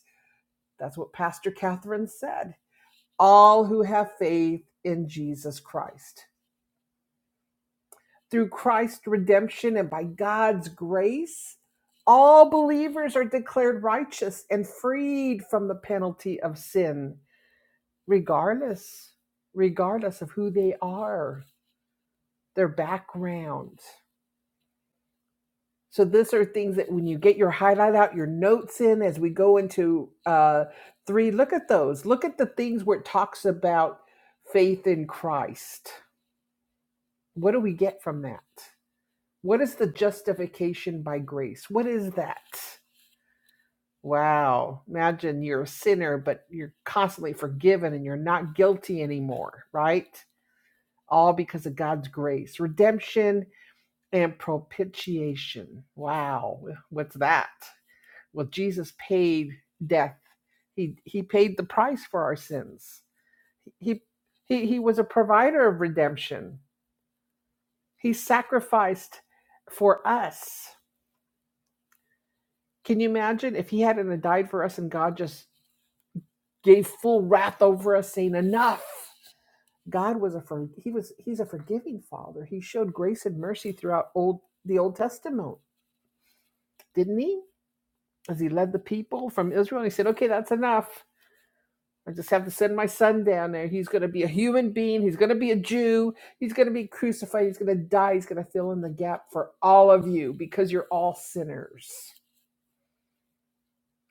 S4: That's what Pastor Catherine said. All who have faith in Jesus Christ. through Christ's redemption and by God's grace, all believers are declared righteous and freed from the penalty of sin, regardless, regardless of who they are, their background. So these are things that when you get your highlight out, your notes in as we go into uh, three, look at those. Look at the things where it talks about faith in Christ. What do we get from that? What is the justification by grace? What is that? Wow. Imagine you're a sinner, but you're constantly forgiven and you're not guilty anymore, right? All because of God's grace, redemption, and propitiation. Wow. What's that? Well, Jesus paid death. He, he paid the price for our sins. He, he, he was a provider of redemption. He sacrificed for us. Can you imagine if he hadn't died for us and God just gave full wrath over us, saying, Enough? God was a for, he was he's a forgiving father. He showed grace and mercy throughout old the Old Testament, didn't he? As he led the people from Israel, he said, Okay, that's enough. I just have to send my son down there. He's gonna be a human being, he's gonna be a Jew, he's gonna be crucified, he's gonna die, he's gonna fill in the gap for all of you because you're all sinners.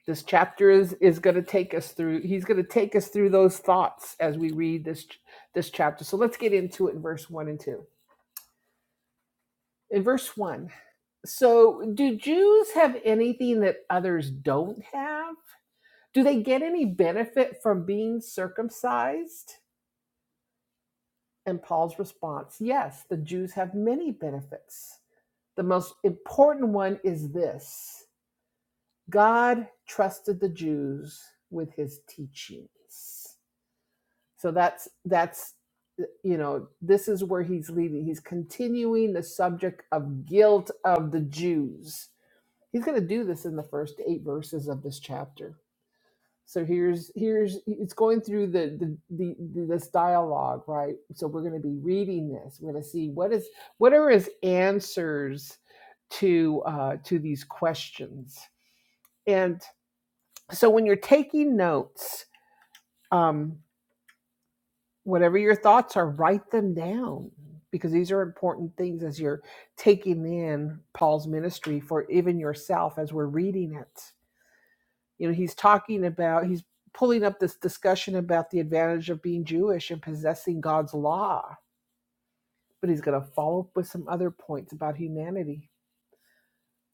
S4: this chapter is is going to take us through he's going to take us through those thoughts as we read this this chapter so let's get into it in verse 1 and 2 in verse 1 so do jews have anything that others don't have do they get any benefit from being circumcised and paul's response yes the jews have many benefits the most important one is this god trusted the jews with his teachings So that's that's you know this is where he's leading. He's continuing the subject of guilt of the Jews. He's going to do this in the first eight verses of this chapter. So here's here's it's going through the the, the, the this dialogue, right? So we're going to be reading this. We're going to see what is what are his answers to uh, to these questions. And so when you're taking notes, um, whatever your thoughts are, write them down because these are important things as you're taking in Paul's ministry for even yourself as we're reading it. You know, he's talking about, he's pulling up this discussion about the advantage of being Jewish and possessing God's law, but he's going to follow up with some other points about humanity.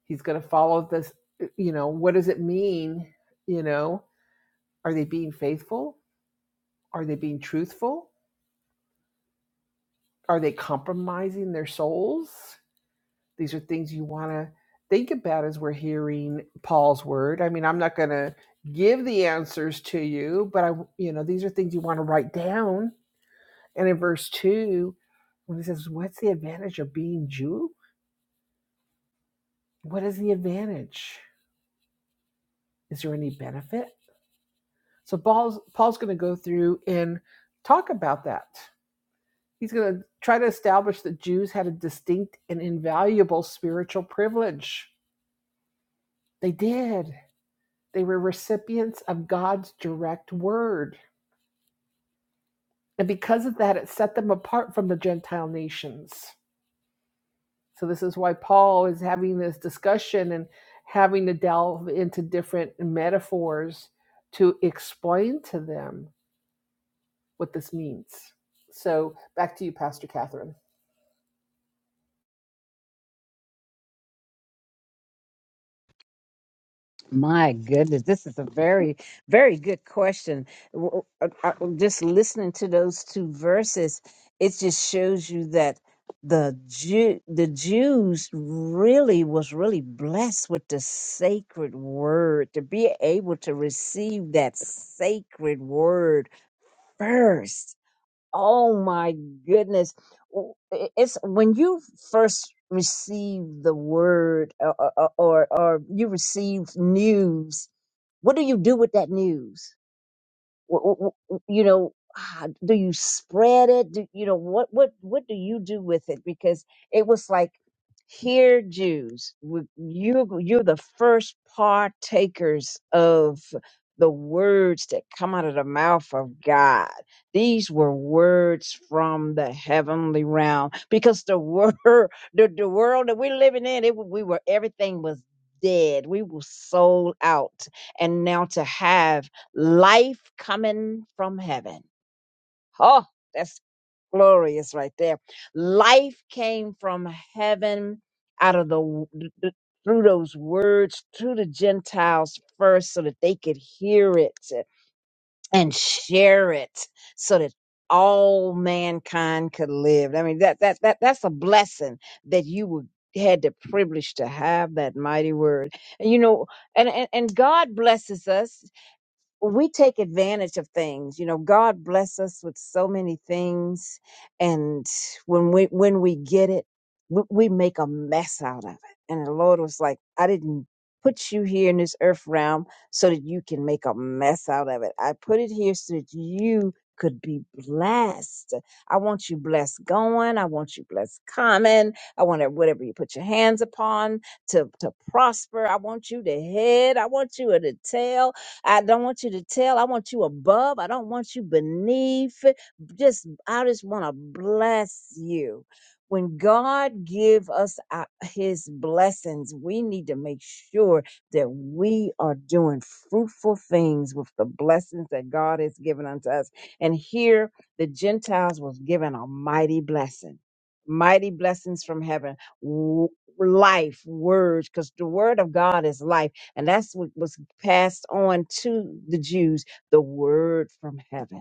S4: He's going to follow this, you know, what does it mean? You know, are they being faithful? Are they being truthful? Are they compromising their souls? These are things you want to think about as we're hearing Paul's word. I mean, I'm not going to give the answers to you, but I, you know, these are things you want to write down. And in verse two, when he says, What's the advantage of being Jew? What is the advantage? Is there any benefit? So Paul's Paul's going to go through and talk about that. He's going to try to establish that Jews had a distinct and invaluable spiritual privilege. They did. They were recipients of God's direct word. And because of that, it set them apart from the Gentile nations. So, this is why Paul is having this discussion and having to delve into different metaphors to explain to them what this means. So back to you, Pastor Catherine.
S3: My goodness, this is a very, very good question. W- uh, uh, Just listening to those two verses, it just shows you that the Jew, the Jews really was really blessed with the sacred word to be able to receive that sacred word first Oh my goodness. W- i- It's when you first receive the word or, or, or or you receive news, what do you do with that news? W- w- You know, ah, do you spread it? Do, you know what what what do you do with it? Because it was like, here, Jews, w- you you're the first partakers of the words that come out of the mouth of God. These were words from the heavenly realm, because the world, the, the world that we're living in, it, we were everything was dead. We were sold out, and now to have Life coming from heaven. Oh, that's glorious right there. Life came from heaven out of the through those words to the Gentiles first so that they could hear it and share it so that all mankind could live. I mean that that that that's a blessing that you would had the privilege to have that mighty word. And you know, and, and and God blesses us when we take advantage of things you know god bless us with so many things and when we when we get it we, we make a mess out of it and the lord was like i didn't put you here in this earth realm so that you can make a mess out of it i put it here so that you could be blessed. I want you blessed going. I want you blessed coming. I want it- whatever you put your hands upon to, to prosper. I want you to head. I want you at the tail. I don't want you to tell. I want you above. I don't want you beneath. Just I just want to bless you. When God give us our, his blessings, we need to make sure that we are doing fruitful things with the blessings that God has given unto us. And here the Gentiles was given a mighty blessing. Mighty blessings from heaven. w- Life, words, because the word of God is life and that's what was passed on to the Jews the word from heaven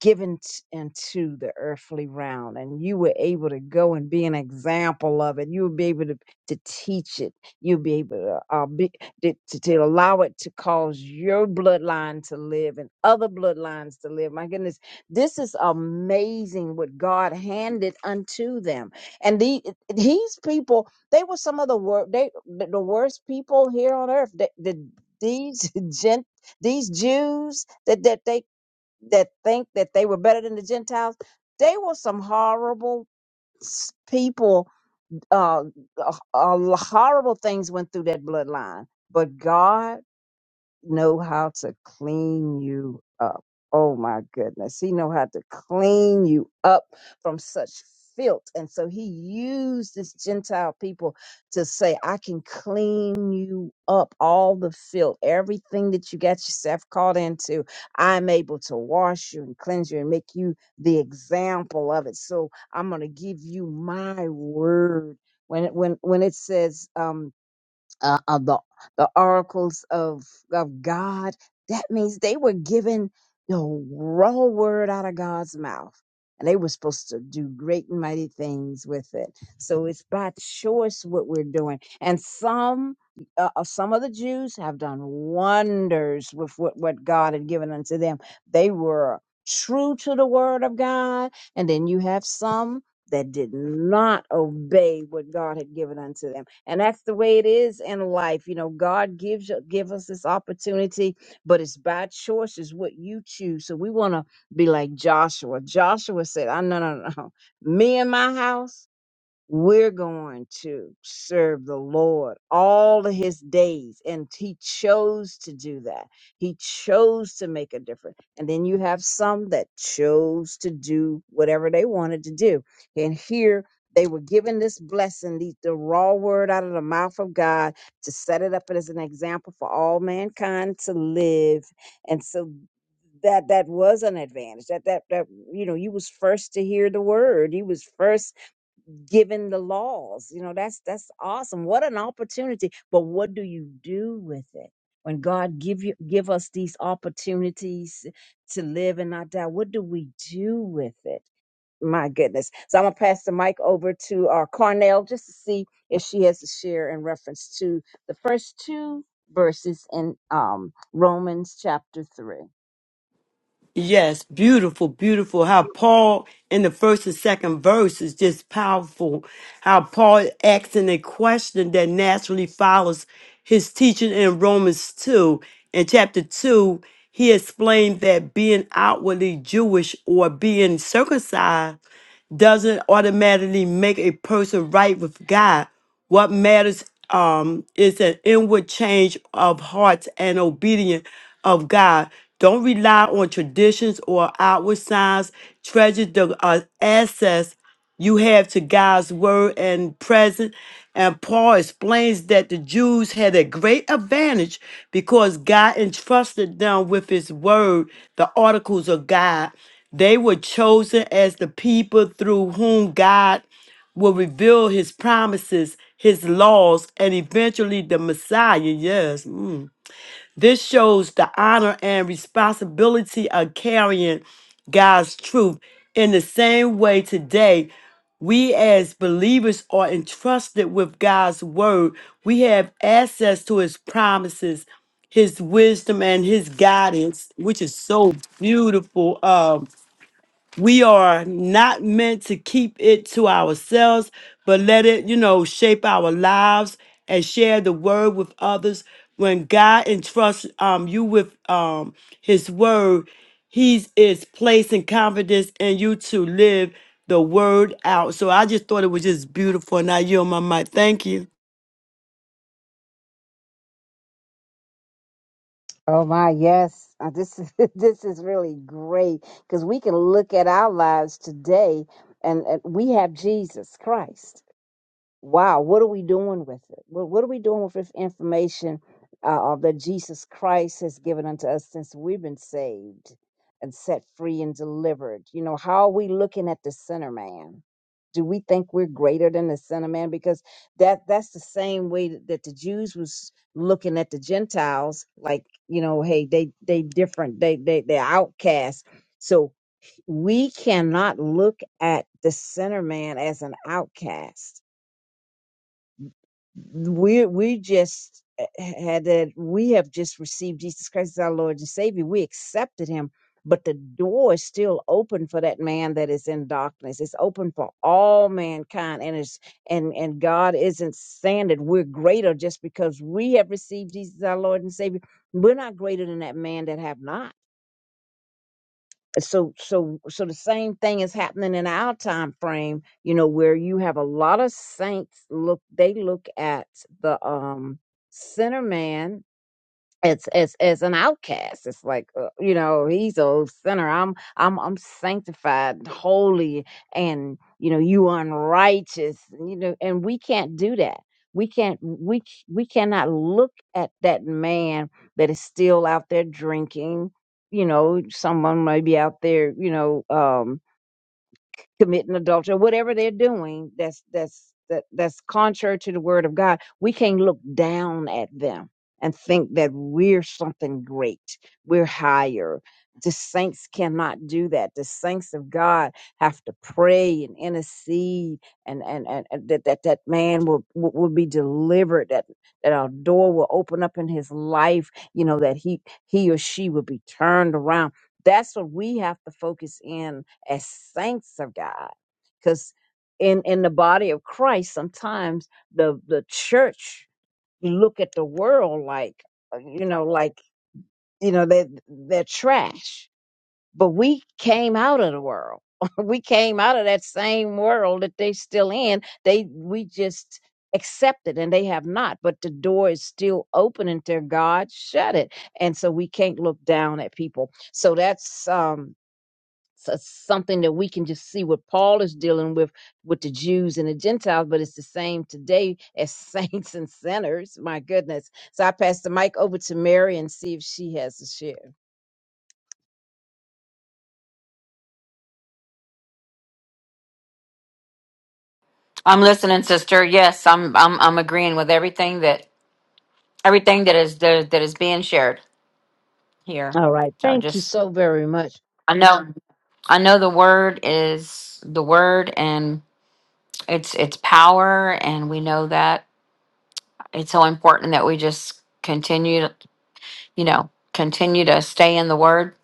S3: given t- into the earthly realm and you were able to go and be an example of it you would be able to, to teach it you'd be able to, uh, be, to, to to allow it to cause your bloodline to live and other bloodlines to live my goodness this is amazing what god handed unto them and the, these people they were some of the worst they the the worst people here on earth the, the, these gent these jews that that they that think that they were better than the Gentiles, they were some horrible s- people. Uh, uh, uh, horrible things went through that bloodline. But God know how to clean you up. Oh my goodness. He know how to clean you up from such filth. And so he used this Gentile people to say, I can clean you up all the filth, everything that you got yourself caught into. I'm able to wash you and cleanse you and make you the example of it. So I'm going to give you my word. When it, when, when it says, um, uh, uh, the the oracles of of God. That means they were given the raw word out of God's mouth, and they were supposed to do great and mighty things with it. So it's by choice what we're doing, and some. Uh, uh, some of the Jews have done wonders with what, what God had given unto them. They were true to the word of God. And then you have some that did not obey what God had given unto them. And that's the way it is in life. You know, God gives you give us this opportunity, but it's by choice is what you choose. So we want to be like Joshua. Joshua said, I no no no. Me and my house. We're going to serve the Lord all of his days. And he chose to do that. He chose to make a difference. And then you have some that chose to do whatever they wanted to do. And here they were given this blessing, the, the raw word out of the mouth of God to set it up as an example for all mankind to live. And so that that was an advantage that that that you know you was first to hear the word you was first given the laws. You know, that's that's awesome. What an opportunity. But what do you do with it? When God give you give us these opportunities to live and not die, what do we do with it? My goodness. So I'm gonna pass the mic over to our Carnell just to see if she has a share in reference to the first two verses in um Romans chapter three.
S2: Yes, beautiful, beautiful. How Paul in the first and second verse is just powerful. How Paul asks in a question that naturally follows his teaching in Romans 2. In chapter 2, he explained that being outwardly Jewish or being circumcised doesn't automatically make a person right with God. What matters um, is an inward change of hearts and obedience of God. Don't rely on traditions or outward signs. Treasure the uh, access you have to God's word and present. And Paul explains that the Jews had a great advantage because God entrusted them with his word, the articles of God. They were chosen as the people through whom God will reveal his promises, his laws, and eventually the Messiah. Yes. mm. This shows the honor and responsibility of carrying God's truth. In the same way, today, we as believers are entrusted with God's word. We have access to his promises, his wisdom, and his guidance, which is so beautiful. Um, we are not meant to keep it to ourselves, but let it, you know, shape our lives and share the word with others. When God entrusts um, you with um, His word, He is placing confidence in you to live the word out. So I just thought it was just beautiful. Now you on my mic. Thank you.
S3: Oh my, yes. Uh, This is this is really great because we can look at our lives today and, and we have Jesus Christ wow, what are we doing with it? What, what are we doing with this information uh, that Jesus Christ has given unto us since we've been saved and set free and delivered? You know, how are we looking at the sinner man? Do we think we're greater than the sinner man? Because that that's the same way that that the Jews was looking at the Gentiles, like you know, hey, they they different, they they they're outcasts. So we cannot look at the sinner man as an outcast we we just had that we have just received Jesus Christ as our Lord and Savior. We accepted him, but the door is still open for that man that is in darkness. It's open for all mankind and it's and and God isn't saying that we're greater just because we have received Jesus our Lord and Savior. We're not greater than that man that have not so so so the same thing is happening in our time frame you know where you have a lot of saints look they look at the um sinner man it's it's it's an outcast it's like uh, you know he's a sinner i'm i'm i'm sanctified holy and you know you unrighteous you know and we can't do that we can't we c- we cannot look at that man that is still out there drinking you know someone may be out there you know um, committing adultery, or whatever they're doing that's that's that that's contrary to the word of God, we can't look down at them and think that we're something great, we're higher. The saints cannot do that. The saints of God have to pray and intercede, and and and, and that, that that man will will will be delivered. That that our door will open up in his life. You know that he he or she will be turned around. That's what we have to focus in as saints of God. Because in, in the body of Christ, sometimes the, the church look at the world like, uh, you know, like, you know, they, they're trash. But we came out of the world. we came out of that same world that they still in. They, we just accepted and they have not, but the door is still open until God shut it. And so we can't look down at people. So that's, um, so- it's something that we can just see what Paul is dealing with with the Jews and the Gentiles, but it's the same today as saints and sinners. My goodness. So I pass the mic over to Mary and see if she has a share.
S6: I'm listening, sister. Yes, I'm I'm I'm agreeing with everything that everything that is that, that is being shared here.
S3: All right.
S6: So
S3: Thank you
S6: just
S3: so very much.
S6: I know I know the word is the word and it's it's power and we know that it's so important that we just continue to, you know, continue to stay in the word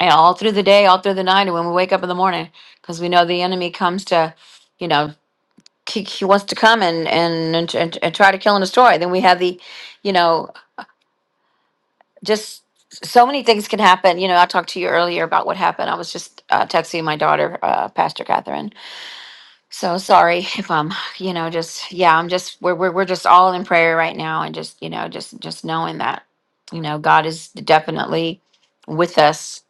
S6: and all through the day, all through the night and when we wake up in the morning because we know the enemy comes to, you know, he, he wants to come and and, and and try to kill and destroy. Then we have the, you know, just so many things can happen. You know, I talked to you earlier about what happened. I was just uh, texting my daughter, uh, Pastor Catherine. So sorry if I'm, you know, just yeah, I'm just we're we're we're just all in prayer right now, and just you know, just just knowing that you know God is definitely with us,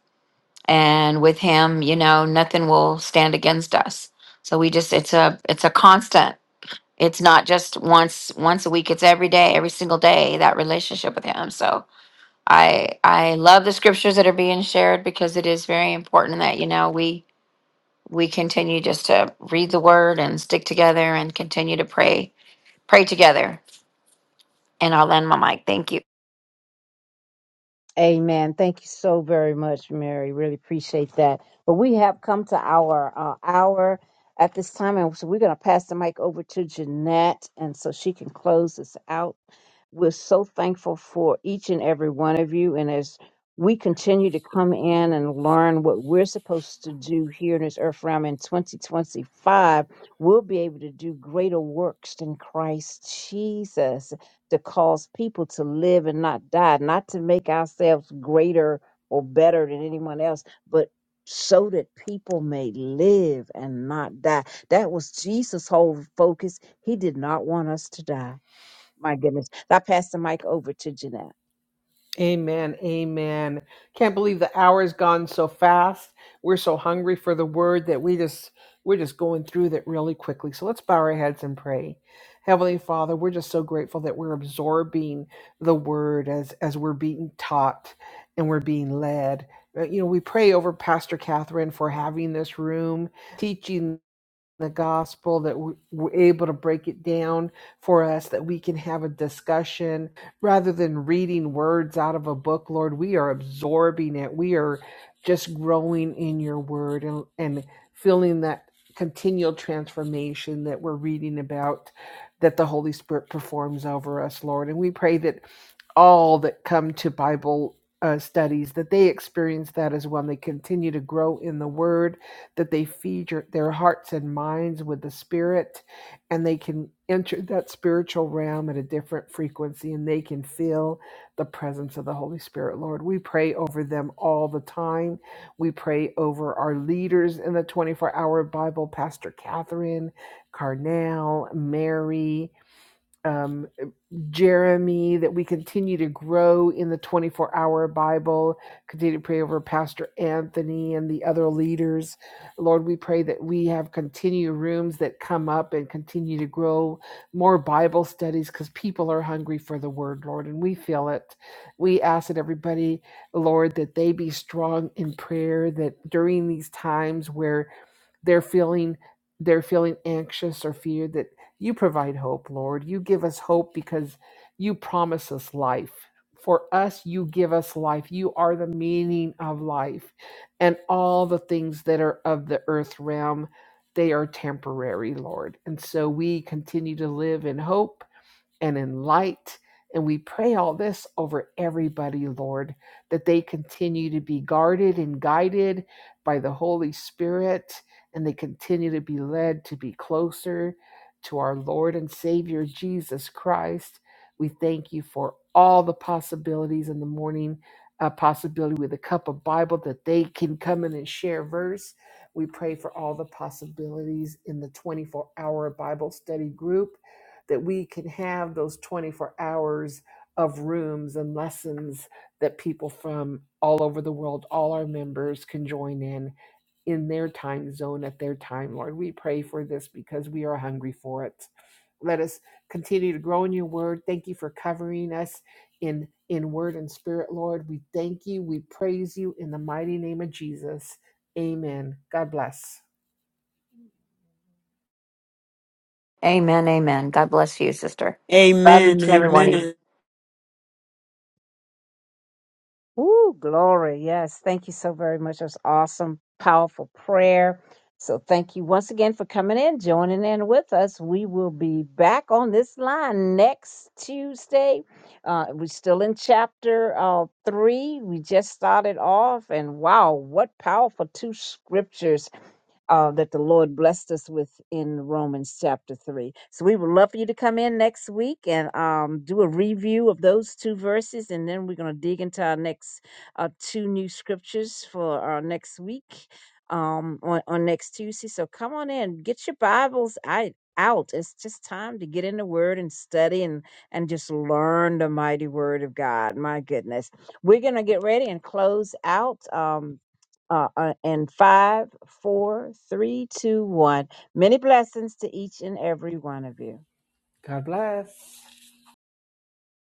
S6: and with Him, you know, nothing will stand against us. So we just it's a it's a constant. It's not just once once a week. It's every day, every single day that relationship with Him. So I I love the scriptures that are being shared because it is very important that you know we we continue just to read the word and stick together and continue to pray pray together. And I'll end my mic. Thank you.
S3: Amen. Thank you so very much, Mary. Really appreciate that. But we have come to our uh, hour at this time, and so we're going to pass the mic over to Jeanette, and so she can close us out. We're so thankful for each and every one of you, and as we continue to come in and learn what we're supposed to do here in this earth realm in 2025, we'll be able to do greater works than Christ Jesus to cause people to live and not die, not to make ourselves greater or better than anyone else, but so that people may live and not die. That was Jesus' whole focus. He did not want us to die. My goodness. I pass the mic over to Jeanette.
S4: Amen. Amen. Can't believe the hour's gone so fast. We're so hungry for the word that we just we're just going through that really quickly. So let's bow our heads and pray. Heavenly Father, we're just so grateful that we're absorbing the word as as we're being taught and we're being led. Uh, You know, we pray over Pastor Catherine for having this room, teaching the gospel that we- are able to break it down for us that we can have a discussion rather than reading words out of a book lord we are absorbing it we are just growing in your word and, and feeling that continual transformation that we're reading about that the holy spirit performs over us lord and we pray that all that come to bible uh, studies that they experience that as well and they continue to grow in the word that they feed your, their hearts and minds with the spirit and they can enter that spiritual realm at a different frequency and they can feel the presence of the holy spirit lord we pray over them all the time we pray over our leaders in the 24 hour bible pastor catherine carnell mary um, Jeremy, that we continue to grow in the 24 hour Bible. Continue to pray over Pastor Anthony and the other leaders. Lord, we pray that we have continue rooms that come up and continue to grow more Bible studies because people are hungry for the word, Lord, and we feel it. We ask that everybody, Lord, that they be strong in prayer, that during these times where they're feeling they're feeling anxious or fear that you provide hope lord you give us hope because you promise us life for us you give us life you are the meaning of life and all the things that are of the earth realm they are temporary lord and so we continue to live in hope and in light. And we pray all this over everybody, Lord, that they continue to be guarded and guided by the Holy Spirit, and they continue to be led to be closer to our Lord and Savior Jesus Christ. We thank you for all the possibilities in the morning, a possibility with a cup of Bible that they can come in and share verse. We pray for all the possibilities in the 24 hour Bible study group that we can have those 24 hours of rooms and lessons that people from all over the world, all our members can join in in their time zone at their time, Lord. We pray for this because we are hungry for it. Let us continue to grow in your word. Thank you for covering us in in word and spirit, Lord. We thank you. We praise you in the mighty name of Jesus. Amen. God bless.
S6: Amen. Amen. God bless you, sister. Love
S2: Amen.
S6: each and every one of you.
S2: Amen.
S3: Ooh, glory. Yes. Thank you so very much. That's awesome, powerful prayer. So thank you once again for coming in, joining in with us. We will be back on this line next Tuesday. Uh, we're still in chapter uh, three. We just started off, and wow, what powerful two scriptures uh, that the Lord blessed us with in Romans chapter 3. So we would love for you to come in next week and um, do a review of those two verses, and then we're going to dig into our next uh, two new scriptures for our next week um, on, on next Tuesday. So come on in, get your Bibles I, out. It's just time to get in the Word and study and, and just learn the mighty Word of God. My goodness. We're going to get ready and close out. Um, uh, uh, and five, four, three, two, one. Many blessings to each and every one of you.
S4: God bless.